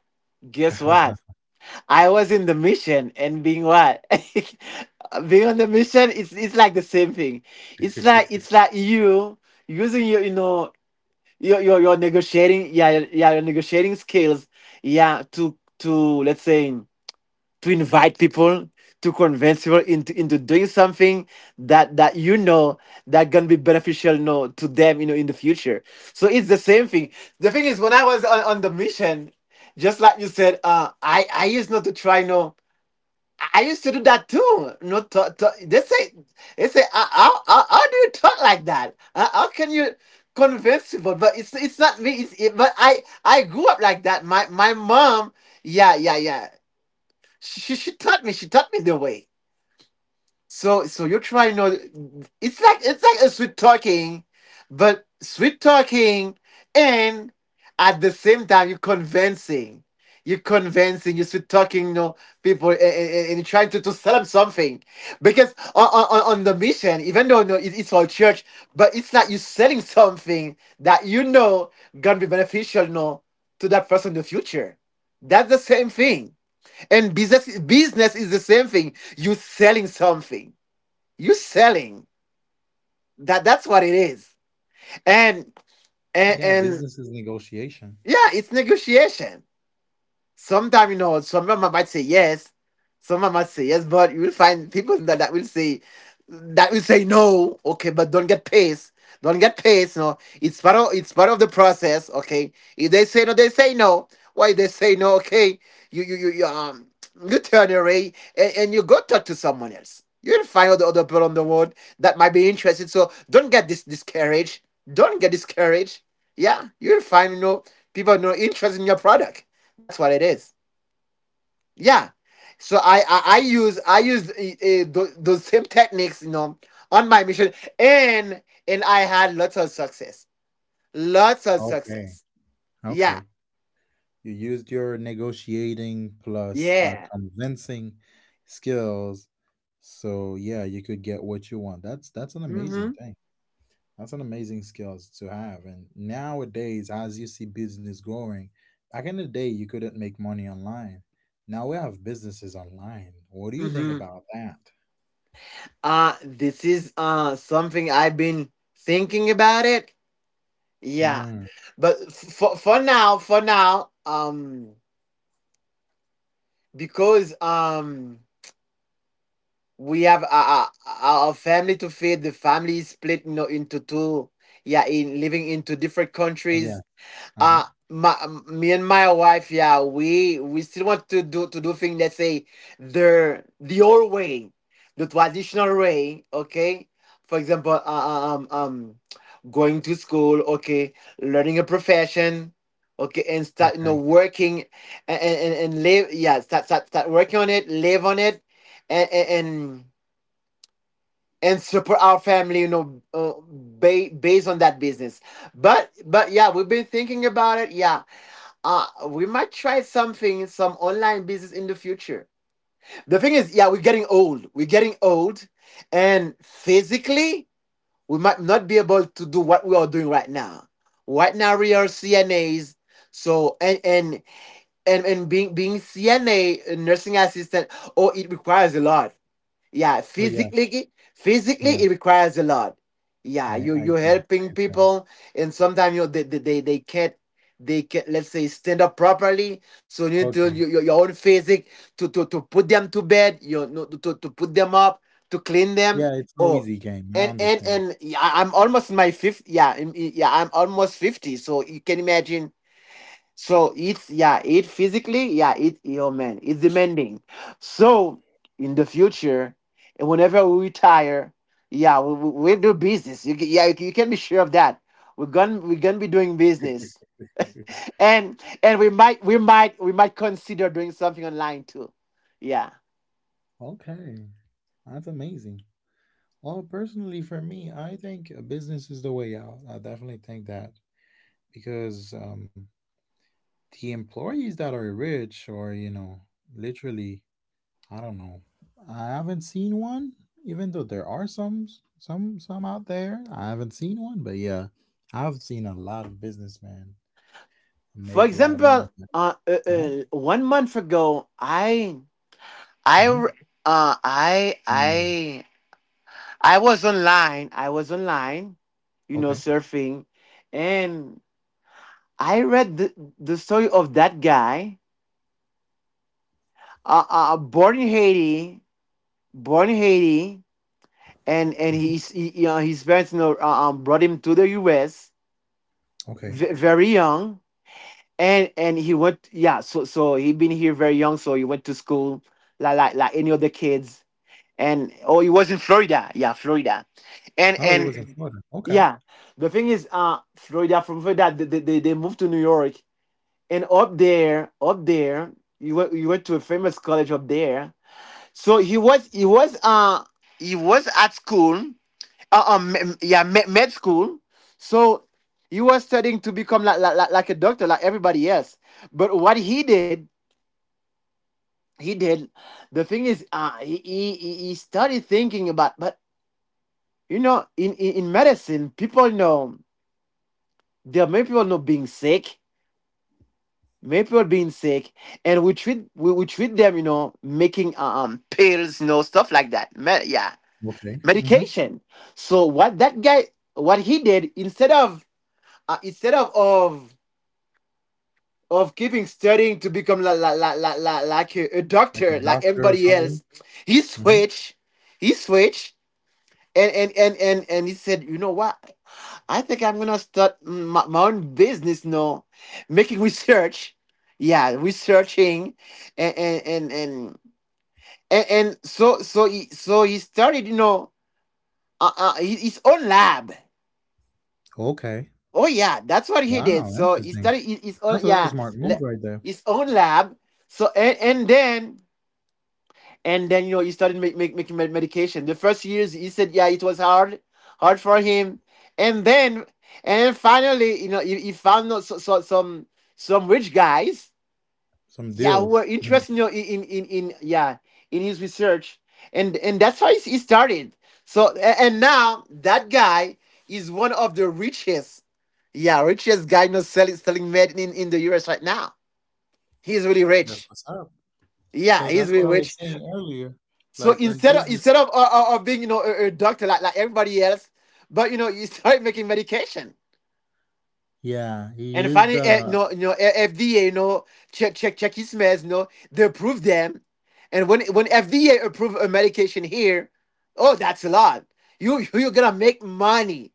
B: Guess what? I was in the mission, and being what? Being on the mission. It's it's like the same thing. It's like, it's like you, using your, you know, your your, your negotiating yeah yeah your negotiating skills, yeah, to, to let's say, to invite people, to convince people into into doing something that, that you know, that gonna be beneficial, you know, to them, you know, in the future. So it's the same thing. The thing is, when I was, on, on the mission, just like you said, uh i i used not to try, no. I used to do that too, no, to, to, they say, they say, how, how, how how do you talk like that, how, how can you convince people, but it's it's not me, it's it, but i I grew up like that, my my mom. Yeah, yeah, yeah, she she taught me she taught me the way. So so you're trying to, it's like, it's like a sweet talking, but sweet talking, and at the same time you're convincing. You're convincing you're sweet talking, you know, people, and, and, and you're trying to, to sell them something, because, on, on, on the mission, even though, no, it, it's all church, but it's like you're selling something that, you know, gonna be beneficial, no, to that person in the future. That's the same thing. And business business is the same thing. You selling something. You selling. That that's what it is. And and,
A: Yeah,
B: and
A: business is negotiation.
B: yeah, it's negotiation. Sometimes, you know, some of them might say yes, some of them might say yes, but you will find people that, that will say, that will say no, okay, but don't get pissed. Don't get pissed, no. It's part of, it's part of the process, okay. If they say no, they say no. Why they say no, okay. You you you, you, um you turn away, and, and you go talk to someone else. You'll find other other people on the world that might be interested. So don't get this discouraged. Don't get discouraged. Yeah, you'll find, you know, people, no, interest in your product. That's what it is. Yeah. So I I, I use I use, uh, uh, those same techniques, you know, on my mission, and and I had lots of success, lots of
A: Okay.
B: success. Yeah,
A: Okay. You used your negotiating plus, uh,
B: yeah.
A: convincing skills, so yeah, you could get what you want. That's that's an amazing
B: Mhm.
A: thing. That's an amazing skills to have. And nowadays, as you see business growing, back in the day, you couldn't make money online. Now we have businesses online. What do you think
B: Mhm.
A: about that?
B: Uh this is, uh something I've been thinking about it. Yeah,
A: Mm.
B: but for for now, for now, um, because, um. we have a, a, a a family to feed. The family is split, you know, into two, yeah, in living into different
A: Oh, yeah.
B: countries.
A: Uh huh.
B: uh my, Me and my wife, yeah, we we still want to do, to do things, let's say, the the old way, the traditional way, okay. For example, uh, uh, um um going to school, okay, learning a profession, okay, and start, you know,
A: Okay.
B: working, and and, and and live, yeah, start, start start working on it, live on it, and and, and and support our family, you know, uh, ba- based on that business. But but yeah, we've been thinking about it, yeah. Uh we might try something, some online business in the future. The thing is, yeah, we're getting old we're getting old, and physically we might not be able to do what we are doing right now. Right now we are cnas. So, and and and, and being being cna, nursing assistant, oh, it requires a lot. Yeah,
A: Oh yes.
B: physically, physically,
A: Yes.
B: it requires a lot. Yeah,
A: I
B: you
A: I
B: you're
A: guess I
B: helping
A: get that.
B: people, and sometimes you, they, they they they can't, they can't, let's say, stand up properly. So you need to
A: Okay.
B: your, your your own physic, to to to put them to bed. You know, no, to to put them up, to clean them.
A: Yeah, it's no
B: Oh,
A: easy game. I
B: and and
A: understand.
B: and yeah, I'm almost in my fifth. Yeah, I'm- yeah, I'm almost fifty. So you can imagine, so it's, yeah, it, physically, yeah, it, oh man, it's demanding. So, in the future, and whenever we retire, yeah, we, we, we do business. You, ca- yeah, you, can- you can be sure of that. We're gonna we're gonna be doing business, and and we might we might we might consider doing something online too. Yeah.
A: Okay. That's amazing. Well, personally, for me, I think a business is the way out. I definitely think that, because um, the employees that are rich, or you know, literally, I don't know, I haven't seen one. Even though there are some, some some out there, I haven't seen one. But yeah, I've seen a lot of businessmen make a
B: For
A: lot of money.
B: example, uh, uh,
A: Uh-huh.
B: uh one month ago, I I
A: Hmm.
B: uh I
A: Mm.
B: I I was online. I was online, you know,
A: Okay.
B: surfing, and I read the, the story of that guy, uh, uh, born in Haiti, born in Haiti, and and
A: Hmm.
B: he's he, you know, his parents you know uh, um, brought him to the U S
A: Okay.
B: very young, and and he went yeah, so so he been here very young, so he went to school like like, like any other kids, and oh, he was in Florida, yeah, Florida, and
A: Oh, it was in
B: and.
A: Florida. Okay.
B: Yeah, the thing is, uh, Florida from Florida, they, they, they they moved to New York, and up there, up there, you went you went to a famous college up there. So he was he was uh he was at school, uh, um me- yeah med, med school. So he was studying to become like, like like like a doctor, like everybody else. But what he did, he did. The thing is, uh, he he he he started thinking about, but you know, in in, in medicine, people know there are many people not being sick, many people being sick, and we treat we, we treat them, you know, making uh, um pills, you know, stuff like that. Me- yeah
A: Okay. Hmm.
B: medication. So what that guy what he did, instead of uh, instead of of of keeping studying to become la, la, la, la, la, like a, a
A: Like a
B: doctor like
A: doctor or
B: everybody
A: something.
B: else, he
A: Hmm.
B: switched he switched. And and and and and he said, "You know what? I think I'm gonna start my, my own business now, making research. Yeah, researching, and and and and and, and so so he so he started, you know, uh, uh, his his own lab.
A: Okay.
B: Oh yeah, that's what he did.
A: Wow,
B: So he
A: interesting.
B: started his, his own,
A: That's a
B: yeah,
A: smart move
B: la-
A: right there.
B: his own lab. So and and then." and then, you know, he started make, make, making medication. The first years, he said, yeah, it was hard, hard for him. And then and finally, you know, he, he found out so, so, some some rich guys,
A: Some
B: yeah, who
A: deals.
B: were
A: Hmm.
B: interested, you know, in, in in, yeah, in his research. And and That's how he, he started. So a- and now that guy is one of the richest, yeah, richest guy, you know, selling selling medicine in, in the us right now. He's really
A: That's
B: rich.
A: what's up. So
B: Yeah,
A: that's
B: he's
A: what
B: really
A: I was
B: rich.
A: saying earlier.
B: So
A: Like, in
B: instead of
A: business,
B: instead of uh, uh, of being, you know, a, a doctor like, like everybody else, but you know, you start making medication,
A: yeah, he
B: and
A: is
B: finally, uh, you
A: the.
B: know you know, uh, F D A, you know, check check check his meds, you know, they approve them. And when when F D A approve a medication here, oh, that's a lot. You you're gonna make money,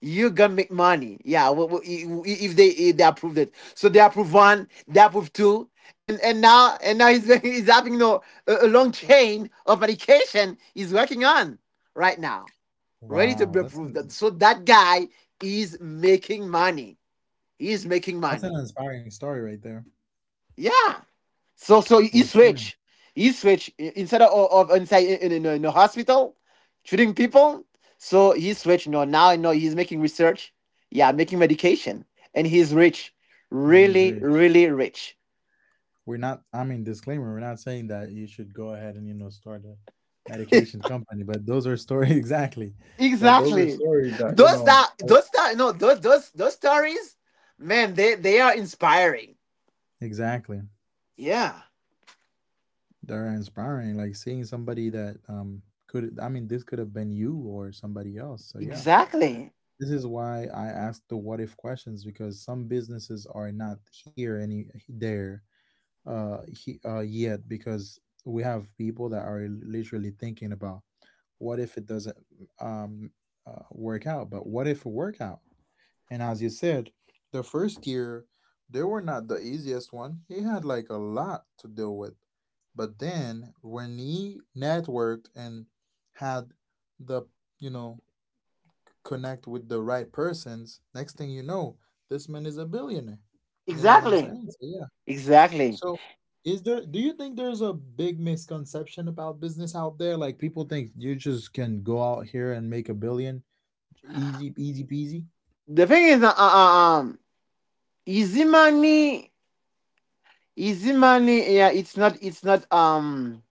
B: you're gonna make money. Yeah, if they if they approved it, so they approve one, they approve two, and and now and now he's he's having, you know, a, a long chain of medication he's working on right now, ready to
A: Wow.
B: be
A: That's an,
B: approved. So that guy is making money. He's making
A: that's an
B: money.
A: inspiring story right there.
B: Yeah. So so you
A: For sure.
B: switch, you switch, i- instead of, of inside in, in, in a hospital, treating people. So he switch. No, now I know he's making research. Yeah, making medication, and he's rich,
A: And he's
B: really,
A: rich.
B: really rich.
A: We're not. I mean, disclaimer: we're not saying that you should go ahead and you know start a medication company. But those are stories exactly. But those are
B: Exactly.
A: stories that you
B: Those
A: know
B: that
A: are,
B: those that no those those Those stories, man, they they are inspiring.
A: exactly,
B: Yeah.
A: that are inspiring. Like, seeing somebody that, um, could. I mean, this could have been you or somebody else. So yeah.
B: Exactly.
A: This is why I ask the what if questions because some businesses are not here any there uh, he, uh yet because we have people that are literally thinking about what if it doesn't um uh, work out, but what if it work out? And as you said, the first year they were not the easiest one. He had like a lot to deal with, but then when he networked and had the you know connect with the right persons, next thing you know, this man is a billionaire. You know what I'm
B: Exactly.
A: saying? So, yeah.
B: Exactly.
A: So, is there, do you think there's a big misconception about business out there? Like, people think you just can go out here and make a billion easy, easy peasy.
B: The thing is, uh, uh, uh, um, easy money. Easy money. Yeah, it's not it's not, um,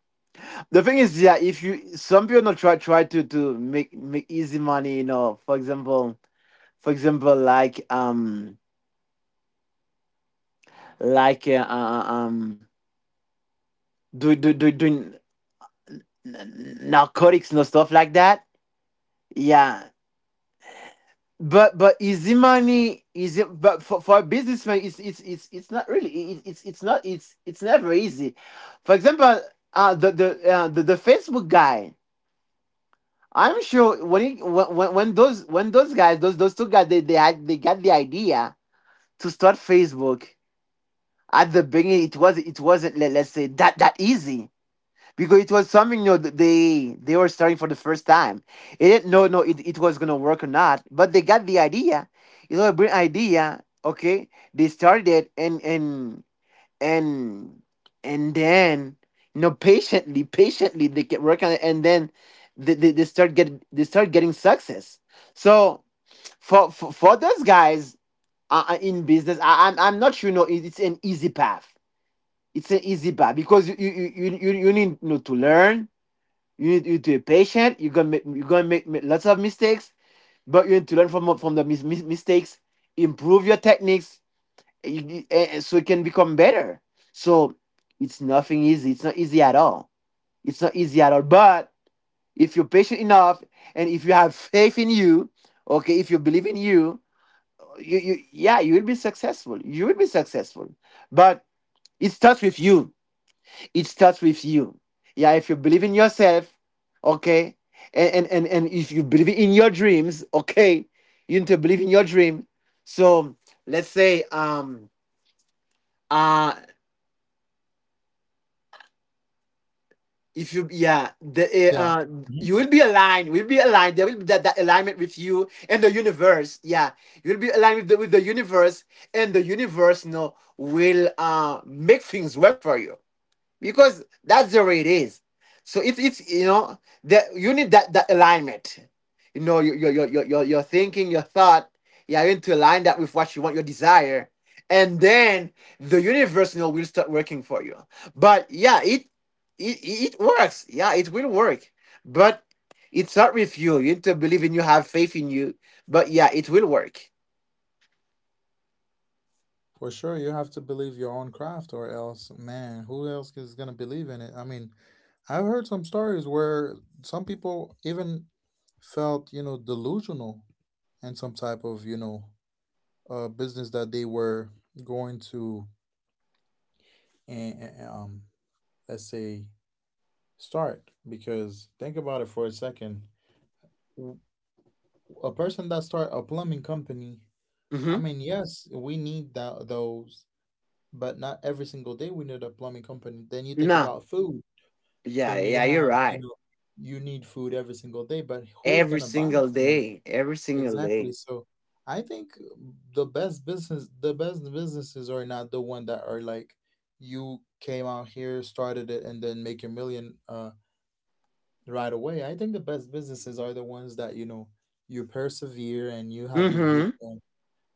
B: the thing is, yeah, if you some people not try try to to make make easy money, you know, for example, for example like um, like uh, uh, uh, um do do do doing narcotics, no, stuff like that. Yeah. But but easy money is it, but for, for a businessman it's it's it's it's not really it, it's it's not, it's it's never easy. For example, uh, the the uh, the, the Facebook guy. I'm sure when it, when when those when those guys, those those two guys, they they had they got the idea to start Facebook. At the beginning, it was it wasn't, let, let's say, that that easy, because it was something, you know, that they they were starting for the first time. They didn't know no it, it was gonna work or not, but they got the idea. It was a brilliant idea. Okay, they started it, and and and and then you know, patiently patiently they get work on it, and then they, they, they start getting they start getting success. So for for, for those guys, uh, uh, in business, I, I'm i'm not sure no it- it's an easy path. It's an easy path, because you you you, you, you need, you know, to learn. You need you need to be patient. You're gonna make, you're gonna make, make lots of mistakes, but you need to learn from from the mis- mis- mistakes, improve your techniques, you- eh, so it can become better. So it's nothing easy. It's not easy at all. It's not easy at all. But if you're patient enough, and if you have faith in you, okay, if you believe in you, you, you, yeah, you will be successful. You will be successful. But it starts with you. It starts with you. Yeah, if you believe in yourself, okay, and and and, and if you believe in your dreams, okay, you need to believe in your dream. So let's say um uh if you yeah the uh,
A: Yeah.
B: uh,
A: Mhm.
B: you will be aligned, will be aligned there will be that that alignment with you and the universe. Yeah, you'll be aligned with the, with the universe, and the universe, you know, will uh make things work for you, because that's the way it is. So it's it's you know, the you need that that alignment. You know, your your your your your thinking, your thought. Yeah, you need to align that with what you want, your desire, and then the universe, you know, will start working for you. But yeah, it it it works. Yeah, it will work. But it's not with you. You need to believe in you, have faith in you. But yeah, it will work.
A: For sure, you have to believe your own craft, or else, man, who else is going to believe in it? I mean, I've heard some stories where some people even felt, you know, delusional and some type of, you know, uh, business that they were going to and, um let's say start because think about it for a second W- a person that start a plumbing company. I
B: Hmm.
A: mean, yes, we need that those, but not every single day we need a plumbing company. Then you think
B: No.
A: about food,
B: Yeah,
A: then you
B: yeah, you're
A: have, you
B: right.
A: know, you need food every single day, but who's
B: Every
A: gonna buy
B: single
A: from you?
B: day. Every single
A: Exactly.
B: day.
A: So I think the best business, the best businesses are not the one that are like you came out here, started it, and then make your million uh right away. I think the best businesses are the ones that, you know, you persevere and you have your good.
B: Mm-hmm.
A: Uh,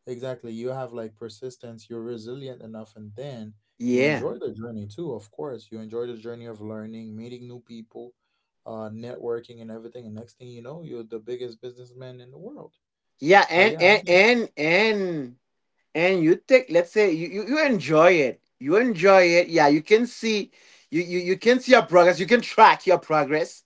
A: exactly, you have like persistence. You're resilient enough, and then you
B: Yeah.
A: enjoy the journey too. Of course, you enjoy the journey of learning, meeting new people, uh, networking, and everything. And next thing you know, you're the biggest businessman in the world.
B: Yeah,
A: So
B: and
A: yeah,
B: and and and and you take, let's say you, you, you enjoy it. You enjoy it. Yeah, you can see you, you, you can see your progress. You can track your progress.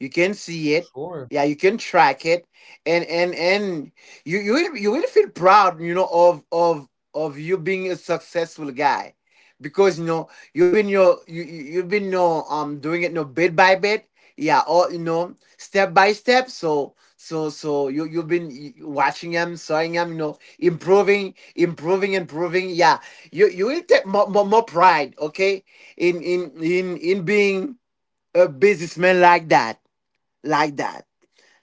B: You can see it.
A: sure.
B: Yeah, you can track it. And and and you you will you will feel proud, you know, of of of you being a successful guy. Because you know, you've been your you you- you've been no um doing it no bit by bit. Yeah, or you know, step by step. So So so you you've been watching him, seeing him, you know, improving, improving, improving. Yeah, you you will take more more, more pride, okay, in in in in being a businessman like that, like that.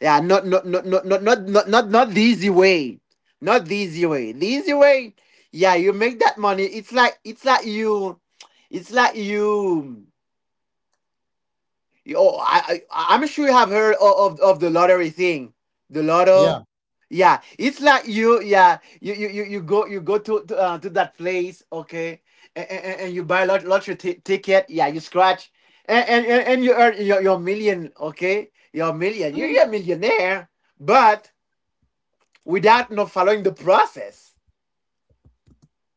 B: Yeah, not not not not not not not not, not the easy way, not the easy way. The easy way, yeah, you make that money. It's like it's like you, it's like you. Oh, I, I I'm sure you have heard of, of of the lottery thing, the lotto.
A: Yeah,
B: Yeah, it's like you, yeah, you you you, you go you go to to, uh, to that place, okay, and, and, and you buy a lot lottery ti- ticket. Yeah, you scratch, and and, and, and you earn your, your million, okay, your million. You're, you're a millionaire, but without not following the process.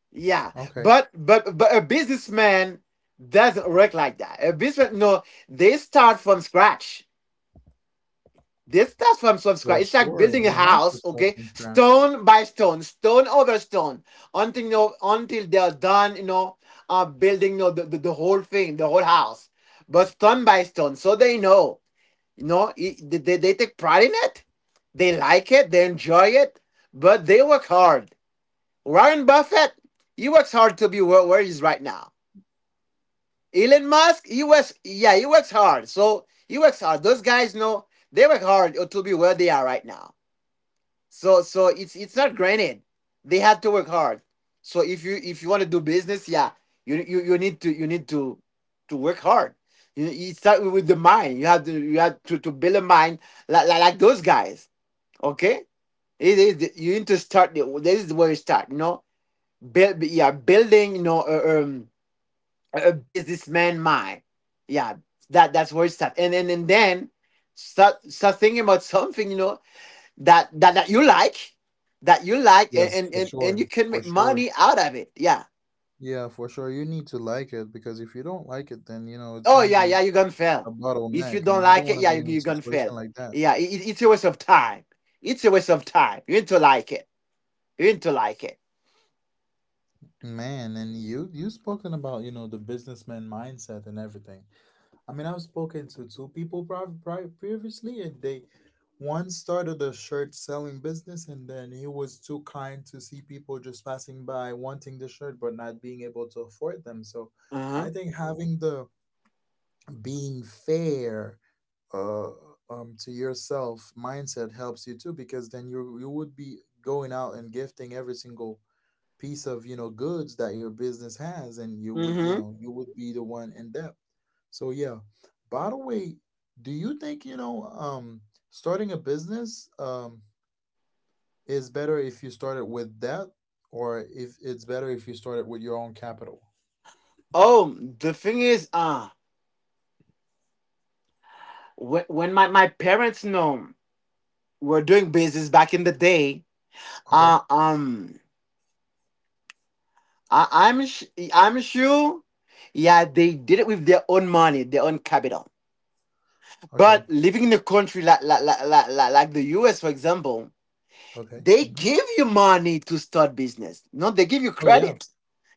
B: Yeah,
A: okay.
B: but but but a businessman doesn't work like that. A businessman, no, they start from scratch. This starts from, from
A: For
B: scratch. It's like
A: sure.
B: building a
A: They have to
B: house,
A: start
B: okay?
A: from scratch.
B: Stone by stone, stone over stone, until you know, until they're done, you know, uh, building you know, the, the, the whole thing, the whole house. But stone by stone, so they know, you know, it, they, they they take pride in it. They like it, they enjoy it, but they work hard. Warren Buffett, he works hard to be where, where he is right now. Elon Musk, he works, yeah, he works hard. So he works hard. Those guys know they work hard to be where they are right now. So so it's it's not granted. They have to work hard. So if you if you want to do business, yeah, you you, you need to you need to to work hard. You, you start with the mind. You have to you have to, to build a mind like, like, like those guys. Okay, it is the- you need to start. The, this is where you start. You know, build, yeah, building, you know, a, um, a a businessman mind. Yeah, that that's where it starts. And and and then start start thinking about something. You know, that that that you like that you like and
A: Yes,
B: and,
A: for
B: and and you
A: sure.
B: can
A: For
B: make
A: sure.
B: money out of it yeah
A: Yeah, for sure. You need to like it because if you don't like it, then, you know, it's
B: oh,
A: gonna
B: yeah, yeah,
A: be
B: you're gonna
A: a
B: fail if you
A: bottleneck
B: don't
A: and you don't
B: like it.
A: want to
B: Yeah,
A: be
B: you,
A: in a
B: you're gonna fail.
A: situation like that.
B: Yeah, it, it- it's a waste of time. It's a waste of time. You need to like it. You need to like it.
A: Man, and you you spoken about, you know, the businessman mindset and everything. I mean, I've spoken to two people pri- pri- previously, and they one started a shirt selling business, and then he was too kind to see people just passing by wanting the shirt but not being able to afford them. So, I
B: Uh-huh.
A: think having the being fair uh, um, to yourself mindset helps you too, because then you you would be going out and gifting every single piece of, you know, goods that your business has, and you would, you
B: Mm-hmm.
A: know, you would be the one in debt. So yeah. By the way, do you think, you know, um starting a business um is better if you start it with debt or if it's better if you start it with your own capital?
B: Oh, the thing is, uh when, when my, my parents, know, were doing business back in the day, uh
A: Okay.
B: um I, i'm sh- I'm sure, yeah, they did it with their own money, their own capital.
A: Okay.
B: But living in a country like like, like, like, like like the U S, for example,
A: Okay.
B: they
A: Hmm.
B: give you money to start business. No, they give you
A: Oh yeah,
B: credit.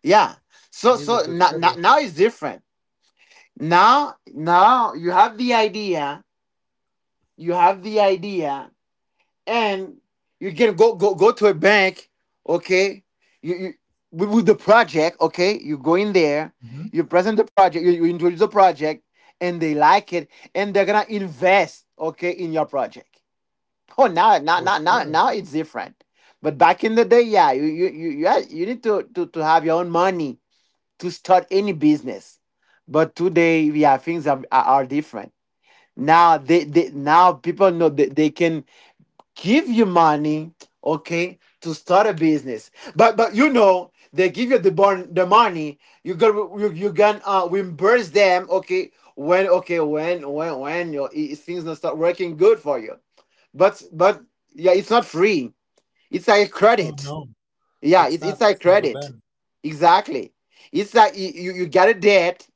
B: Yeah. So
A: you give it
B: so
A: good
B: now
A: credit.
B: now, now it's different. Now now you have the idea, you have the idea, and you can go go go to a bank, okay? You, you with, with the project, okay? You go in there,
A: Hmm.
B: you present the project, you, you introduce the project, and they like it, and they're gonna invest, okay, in your project. Oh, now, now,
A: For
B: now, now,
A: sure.
B: now it's different. But back in the day, yeah, you you you you, had, you need to, to to have your own money to start any business. But today, yeah, things are are, are different. Now they, they now people know that they can give you money, okay, to start a business. But but you know, they give you the born the money. You got, you you can uh reimburse them, okay. When, okay, when when when your i- things not start working good for you, but but yeah, it's not free. It's like
A: Oh
B: credit.
A: no,
B: Yeah,
A: it's
B: it's
A: not.
B: it's like
A: It's never
B: credit.
A: been.
B: Exactly. It's like you, you you get a debt,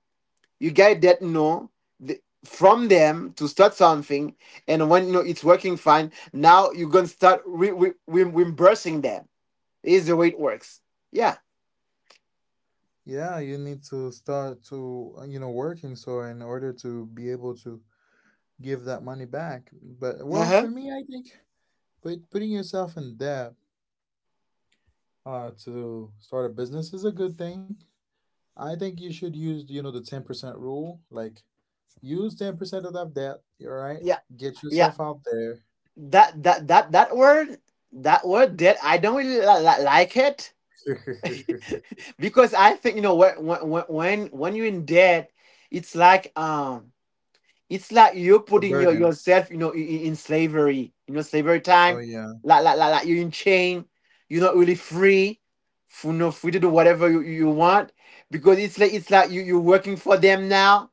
B: you get a debt no the, from them to start something, and when, you know, it's working fine, now you're gonna start re, re, re, reimbursing them. Is the way it works. Yeah.
A: Yeah, you need to start to, uh, you know, working so in order to be able to give that money back. But
B: Uh
A: well, for
B: huh.
A: me, I think, but putting yourself in debt uh, to start a business is a good thing. I think you should use, you know, the ten percent rule. Like, use ten percent of that debt, all right?
B: Yeah.
A: Get
B: Yeah.
A: yourself out there.
B: That that that that word that word debt, I don't really li- li- like it. Because I think, you know, when when when when you're in debt, it's like, um it's like you're
A: The
B: putting your
A: burden.
B: yourself, you know, in, in slavery, you know, slavery
A: Oh,
B: time.
A: yeah.
B: Like, like like like you're in chain. You're not really free, f- you know, free to do whatever you, you want, because it's like, it's like you, you're working for them now.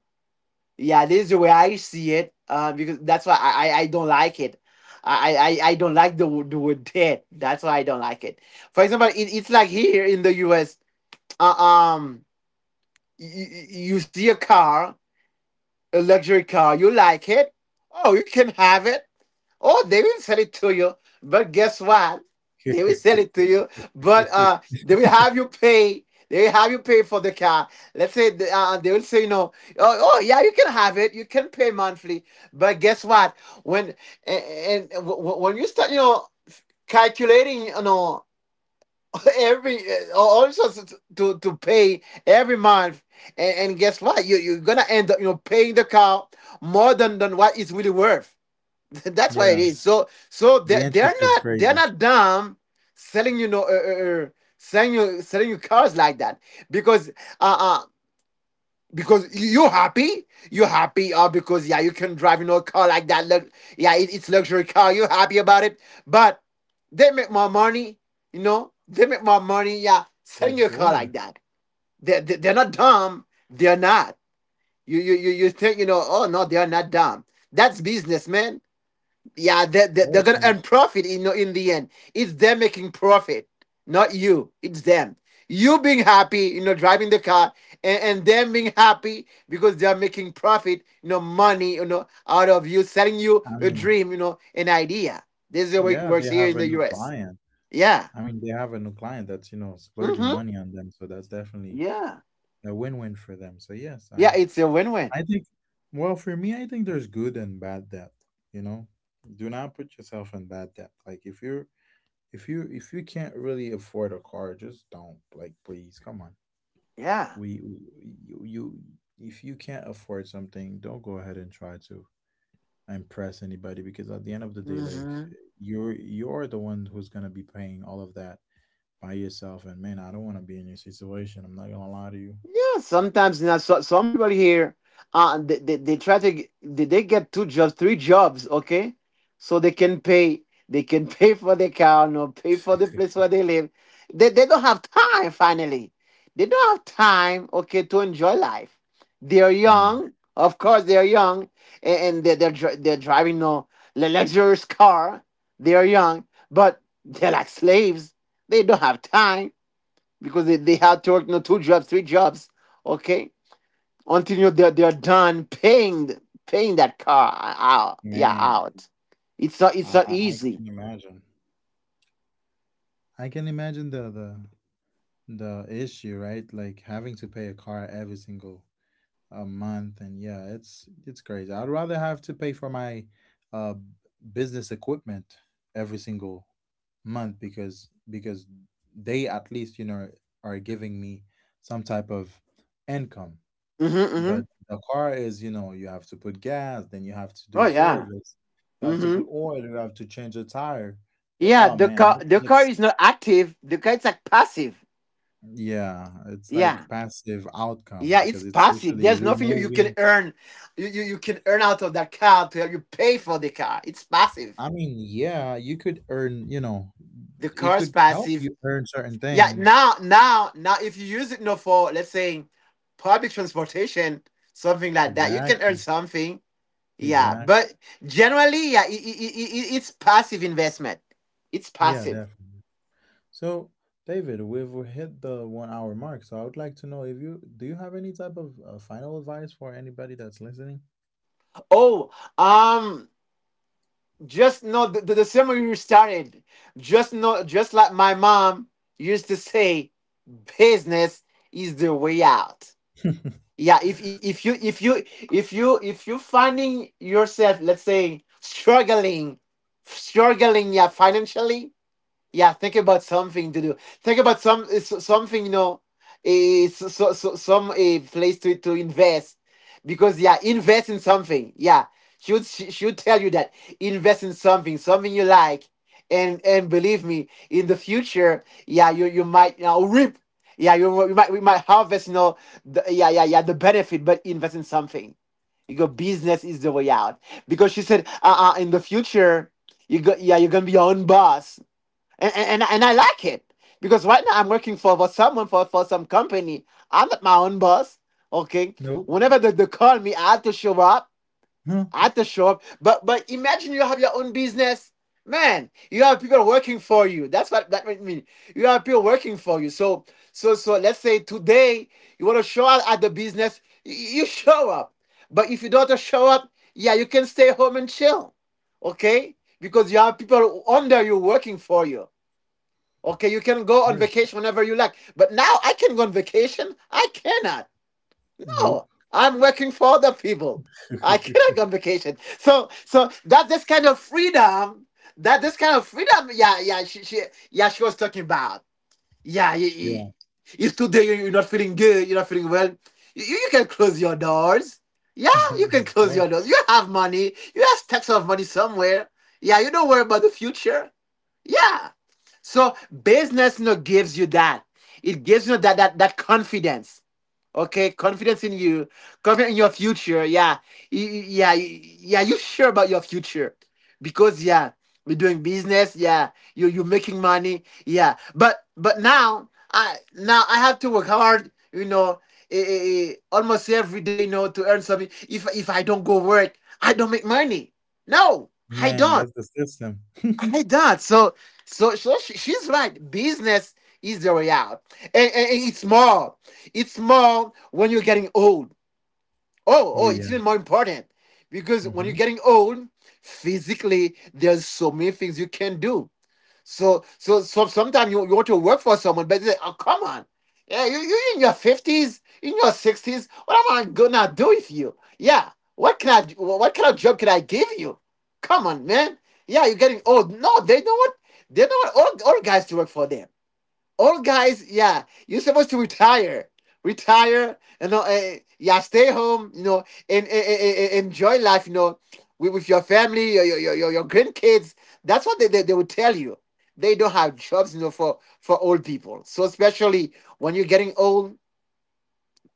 B: Yeah, this is the way I see it. Uh because that's why I I, I don't like it. I, I, I I don't like the, wo- the word debt. That's why I don't like it. For example, it, it's like here in the U S, uh, um you, you see a car, a luxury car. You like it. Oh, you can have it. Oh, they will sell it to you. But guess what, they will sell it to you, but uh they will have you pay. They will have you pay for the car. Let's say the, uh, they will say no. Oh, oh yeah, you can have it, you can pay monthly. But guess what, when and, and w- w- when you start, you know, calculating, you know, every, uh, also to, to to pay every month, and, and guess what, you you're gonna end up, you know, paying the cow more than than what it's really worth. That's why it
A: Yeah.
B: is so. So
A: The
B: they're,
A: interest
B: they're
A: is
B: not, they're
A: crazy.
B: not dumb selling, you know, uh, uh, uh, selling you, selling you cars like that. Because uh, uh because you happy, you happy, uh, because yeah, you can drive, you know, a car like that. Look, yeah, it, it's luxury car. You happy about it. But they make more money. You know, they make more money, yeah,
A: For
B: selling your
A: sure.
B: car
A: Of
B: like that. they, they, they're not dumb. They're not. You, you you you think, you know, oh no, they're not dumb. That's business, man. Yeah, they, they, they're
A: course.
B: gonna
A: And
B: earn profit in in the end. It's them making profit, not you. It's them. You being happy, you know, driving the car, and, and them being happy because they are making profit, you know, money, you know, out of you, selling you
A: I
B: a
A: mean,
B: dream, you know, an idea. This is the way it
A: yeah, they
B: works here
A: have
B: in
A: a
B: the
A: new
B: U S.
A: client.
B: Yeah.
A: I mean, they have a new client that's, you know, splurging
B: Mm-hmm.
A: money on them. So that's definitely
B: Yeah.
A: a win win for them. So, yes,
B: Yeah,
A: I
B: it's a win-win.
A: I think, well, for me, I think there's good and bad debt. You know, do not put yourself in bad debt. Like if you're if you if you can't really afford a car, just don't. Like please, come on.
B: Yeah.
A: We, we you, you If you can't afford something, don't go ahead and try to impress anybody because at the end of the day, like
B: Mm-hmm.
A: you're you're the one who's gonna be paying all of that by yourself. And man, I don't want to be in your situation. I'm not gonna lie to you,
B: Yeah, sometimes not. So, some people here, uh, they, they, they try to g- they, they get two jobs, three jobs, okay, so they can pay. They can pay for the car, no, pay for the place where they live. They they don't have time. Finally, they don't have time, okay, to enjoy life. They are
A: man.
B: young, of course. They are young, and, and they they're dri- they're driving, no, lu- luxurious car. They are young, but they're like slaves. They don't have time because they, they had to work, you know, two jobs, three jobs, okay, until, you know, they're they're done paying th- paying that car out. Yeah,
A: Man,
B: out. It's not,
A: I
B: it's not
A: I, I
B: easy.
A: can imagine. I can imagine the the the issue, right? Like having to pay a car every single uh, month, and yeah, it's it's crazy. I'd rather have to pay for my uh business equipment every single month because because they at least, you know, are giving me some type of income.
B: Hmm. Hmm.
A: But the car is, you know, you have to put gas, then you have to do
B: Oh yeah.
A: service, you have to
B: Hmm.
A: put oil, you have to change a tire. Yeah.
B: Yeah,
A: Oh
B: the
A: man,
B: car
A: I
B: the
A: think
B: car
A: it's,
B: is not active. The car, it's like passive.
A: yeah, it's like
B: Yeah.
A: passive outcome
B: Yeah, it's
A: because it's
B: passive.
A: literally
B: There's nothing you, you can
A: removing.
B: earn. You, you, you can earn out of that car to help you pay for the car. It's passive.
A: I mean, yeah, you could earn, you know,
B: The
A: it
B: car is
A: could help
B: passive.
A: you earn certain
B: Yeah,
A: things.
B: now, now, now, if you use it, you know, for, let's say, public transportation, something like that, you can earn
A: Exactly.
B: something. Yeah,
A: Exactly.
B: but generally, yeah, it it it it's passive investment. It's
A: Yeah,
B: passive.
A: definitely. So, David, we've hit the one hour mark. So I would like to know if you do you have any type of uh, final advice for anybody that's listening?
B: Oh, um, just know the, the, the same way you started. Just know, just like my mom used to say, business is the way out. Yeah, if, if if you if you if you if you finding yourself, let's say, struggling, struggling, yeah, financially, yeah, think about something to do. Think about some, s- something, you know, eh, s- so, so, some eh, place to, to invest. Because yeah, invest in something. Yeah, she would she, she would tell you that invest in something, something you like, and and believe me, in the future, yeah, you you might, you know, reap. Yeah, you, you might, we might harvest, you know, the, yeah, yeah, yeah, the benefit, but invest in something. Your business is the way out. Because she said, uh, uh in the future, you go, yeah, you're gonna be your own boss, and, and, and I like it because right now I'm working for, for someone, for, for some company. I'm not my own boss. Okay.
A: Nope.
B: Whenever they, they call me, I have to show up.
A: Huh?
B: I have to show up. But but imagine you have your own business. Man, you have people working for you. That's what that means. You have people working for you. So so so let's say today you want to show up at the business, you show up. But if you don't want to show up, yeah, you can stay home and chill. Okay? Because you have people under you working for you. Okay, you can go on
A: Worse.
B: vacation whenever you like. But now I can go on vacation, I cannot.
A: Nope.
B: No, I'm working for other people. I cannot go on vacation. So, so that's this kind of freedom. That this kind of freedom. Yeah, yeah, she, she yeah, she was talking about. Yeah, you, you-
A: Yeah.
B: if today you- you're not feeling good, you're not feeling well, you, you can close your doors. Yeah, you can
A: Of
B: close your
A: course.
B: doors. You have money. You have stacks of money somewhere. Yeah, you don't worry about the future. Yeah. So business, you know, gives you that. It gives you that that that confidence. Okay, confidence in you, confidence in your future. Yeah, yeah, yeah. You sure about your future because yeah, we're doing business. Yeah, you you are making money. Yeah, but but now I now I have to work hard. You know, eh, eh, eh, almost every day. You know, to earn something. If if I don't go work, I don't make money. No, I
A: Man,
B: don't.
A: that's the system.
B: I that, so so so she, she's right. Business is the way out, and, and, and it's more. It's more when you're getting old. Oh, oh,
A: Oh
B: it's even
A: yeah.
B: more important because when you're
A: Hmm.
B: getting old, physically there's so many things you can do. So so so sometimes you, you want to work for someone, but they say, oh come on. Yeah, you you in your fifties, in your sixties, what am I gonna do with you? Yeah. What can I do- what kind of job can I give you? Come on, man. Yeah, you're getting old. No, they know what they know what old, old guys to work for them. Old guys, yeah, you're supposed to retire, retire, you know, uh, yeah, stay home, you know, and, and, and- and enjoy life, you know, with, with your family, your your your, your grandkids. That's what they, they they will tell you. They don't have jobs, you know, for for old people. So especially when you're getting old,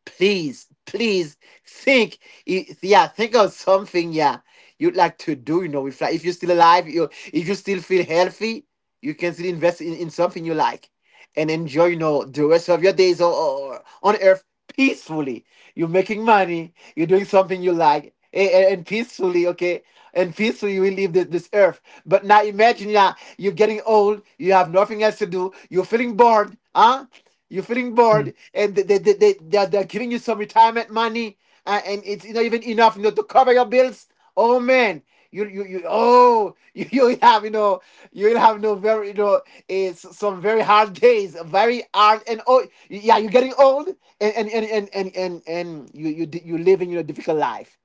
B: please, please think. Yeah, think of something. Yeah, you'd like to do. You know, if like if you're still alive, you if you still feel healthy, you can still invest in, in something you like and enjoy. You know, the rest of your days or, or on Earth peacefully, you're making money. You're doing something you like. a- And peacefully, okay, and peacefully you will leave this, this earth. But now imagine, yeah, you're getting old. You have nothing else to do. You're feeling bored, huh? You're feeling bored, and they they they they they're, they're giving you some retirement money, uh, and it's not even enough, you know, to cover your bills. Oh man, you you you oh you you'll have, you know, you'll have no, very, you know, it's some very hard days, very hard. And oh yeah, you're getting old, and and and and and and, and you you di- you live in your difficult life,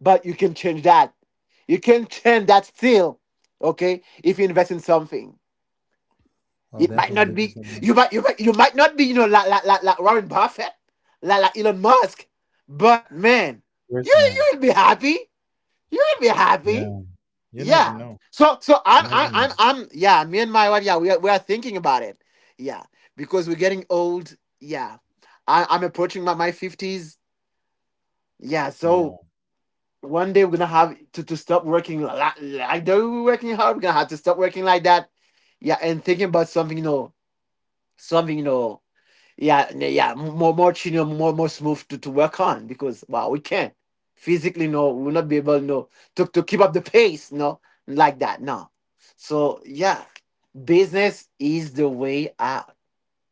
B: but you can change that. You can turn that still, okay, if you invest in something.
A: Oh,
B: It might
A: definitely.
B: not
A: Thank you
B: be,
A: so
B: you
A: much.
B: might you might you might not be, you know, like like like, like Warren Buffett, like like Elon Musk, but man,
A: Of
B: you
A: course not.
B: you'll be happy. You'll be happy.
A: Yeah. You never
B: Yeah.
A: know.
B: So so I'm
A: You never
B: I'm I'm,
A: know.
B: I'm, yeah, me and my wife. Yeah, we are, we are thinking about it. Yeah, because we're getting old. Yeah, I, I'm approaching my my fifties. Yeah, so
A: Yeah.
B: one day we're gonna have to, to stop working like, like that. We're working hard. We're gonna have to stop working like that. Yeah, and thinking about something, you know, something, you know. Yeah, n- yeah, more more chino, more more smooth to, to work on because wow, we can't physically, no, we'll not be able, no, to to keep up the pace, no, like that, no. So yeah, business is the way out.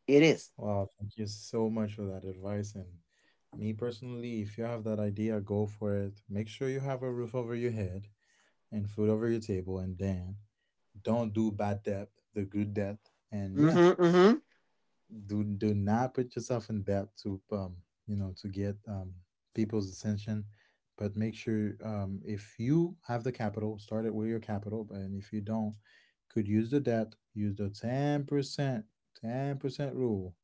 B: It is.
A: Wow. Thank you so much for that advice. And me personally, if you have that idea, go for it. Make sure you have a roof over your head and food over your table. And then don't do bad debt, the good debt. And yeah,
B: Mm-hmm, mm-hmm.
A: do do not put yourself in debt to um you know, to get um people's attention, but make sure, um if you have the capital, start it with your capital, but- and if you don't, could use the debt, use the ten percent ten percent rule.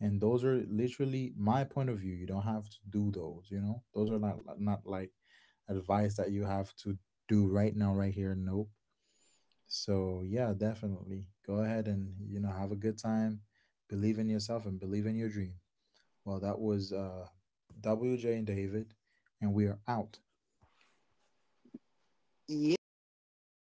A: And those are literally my point of view. You don't have to do those, you know. Those are not not like advice that you have to do right now, right here. Nope. So yeah, definitely go ahead and, you know, have a good time, believe in yourself and believe in your dream. Well, that was uh, W J and David, and we are out.
B: Yes,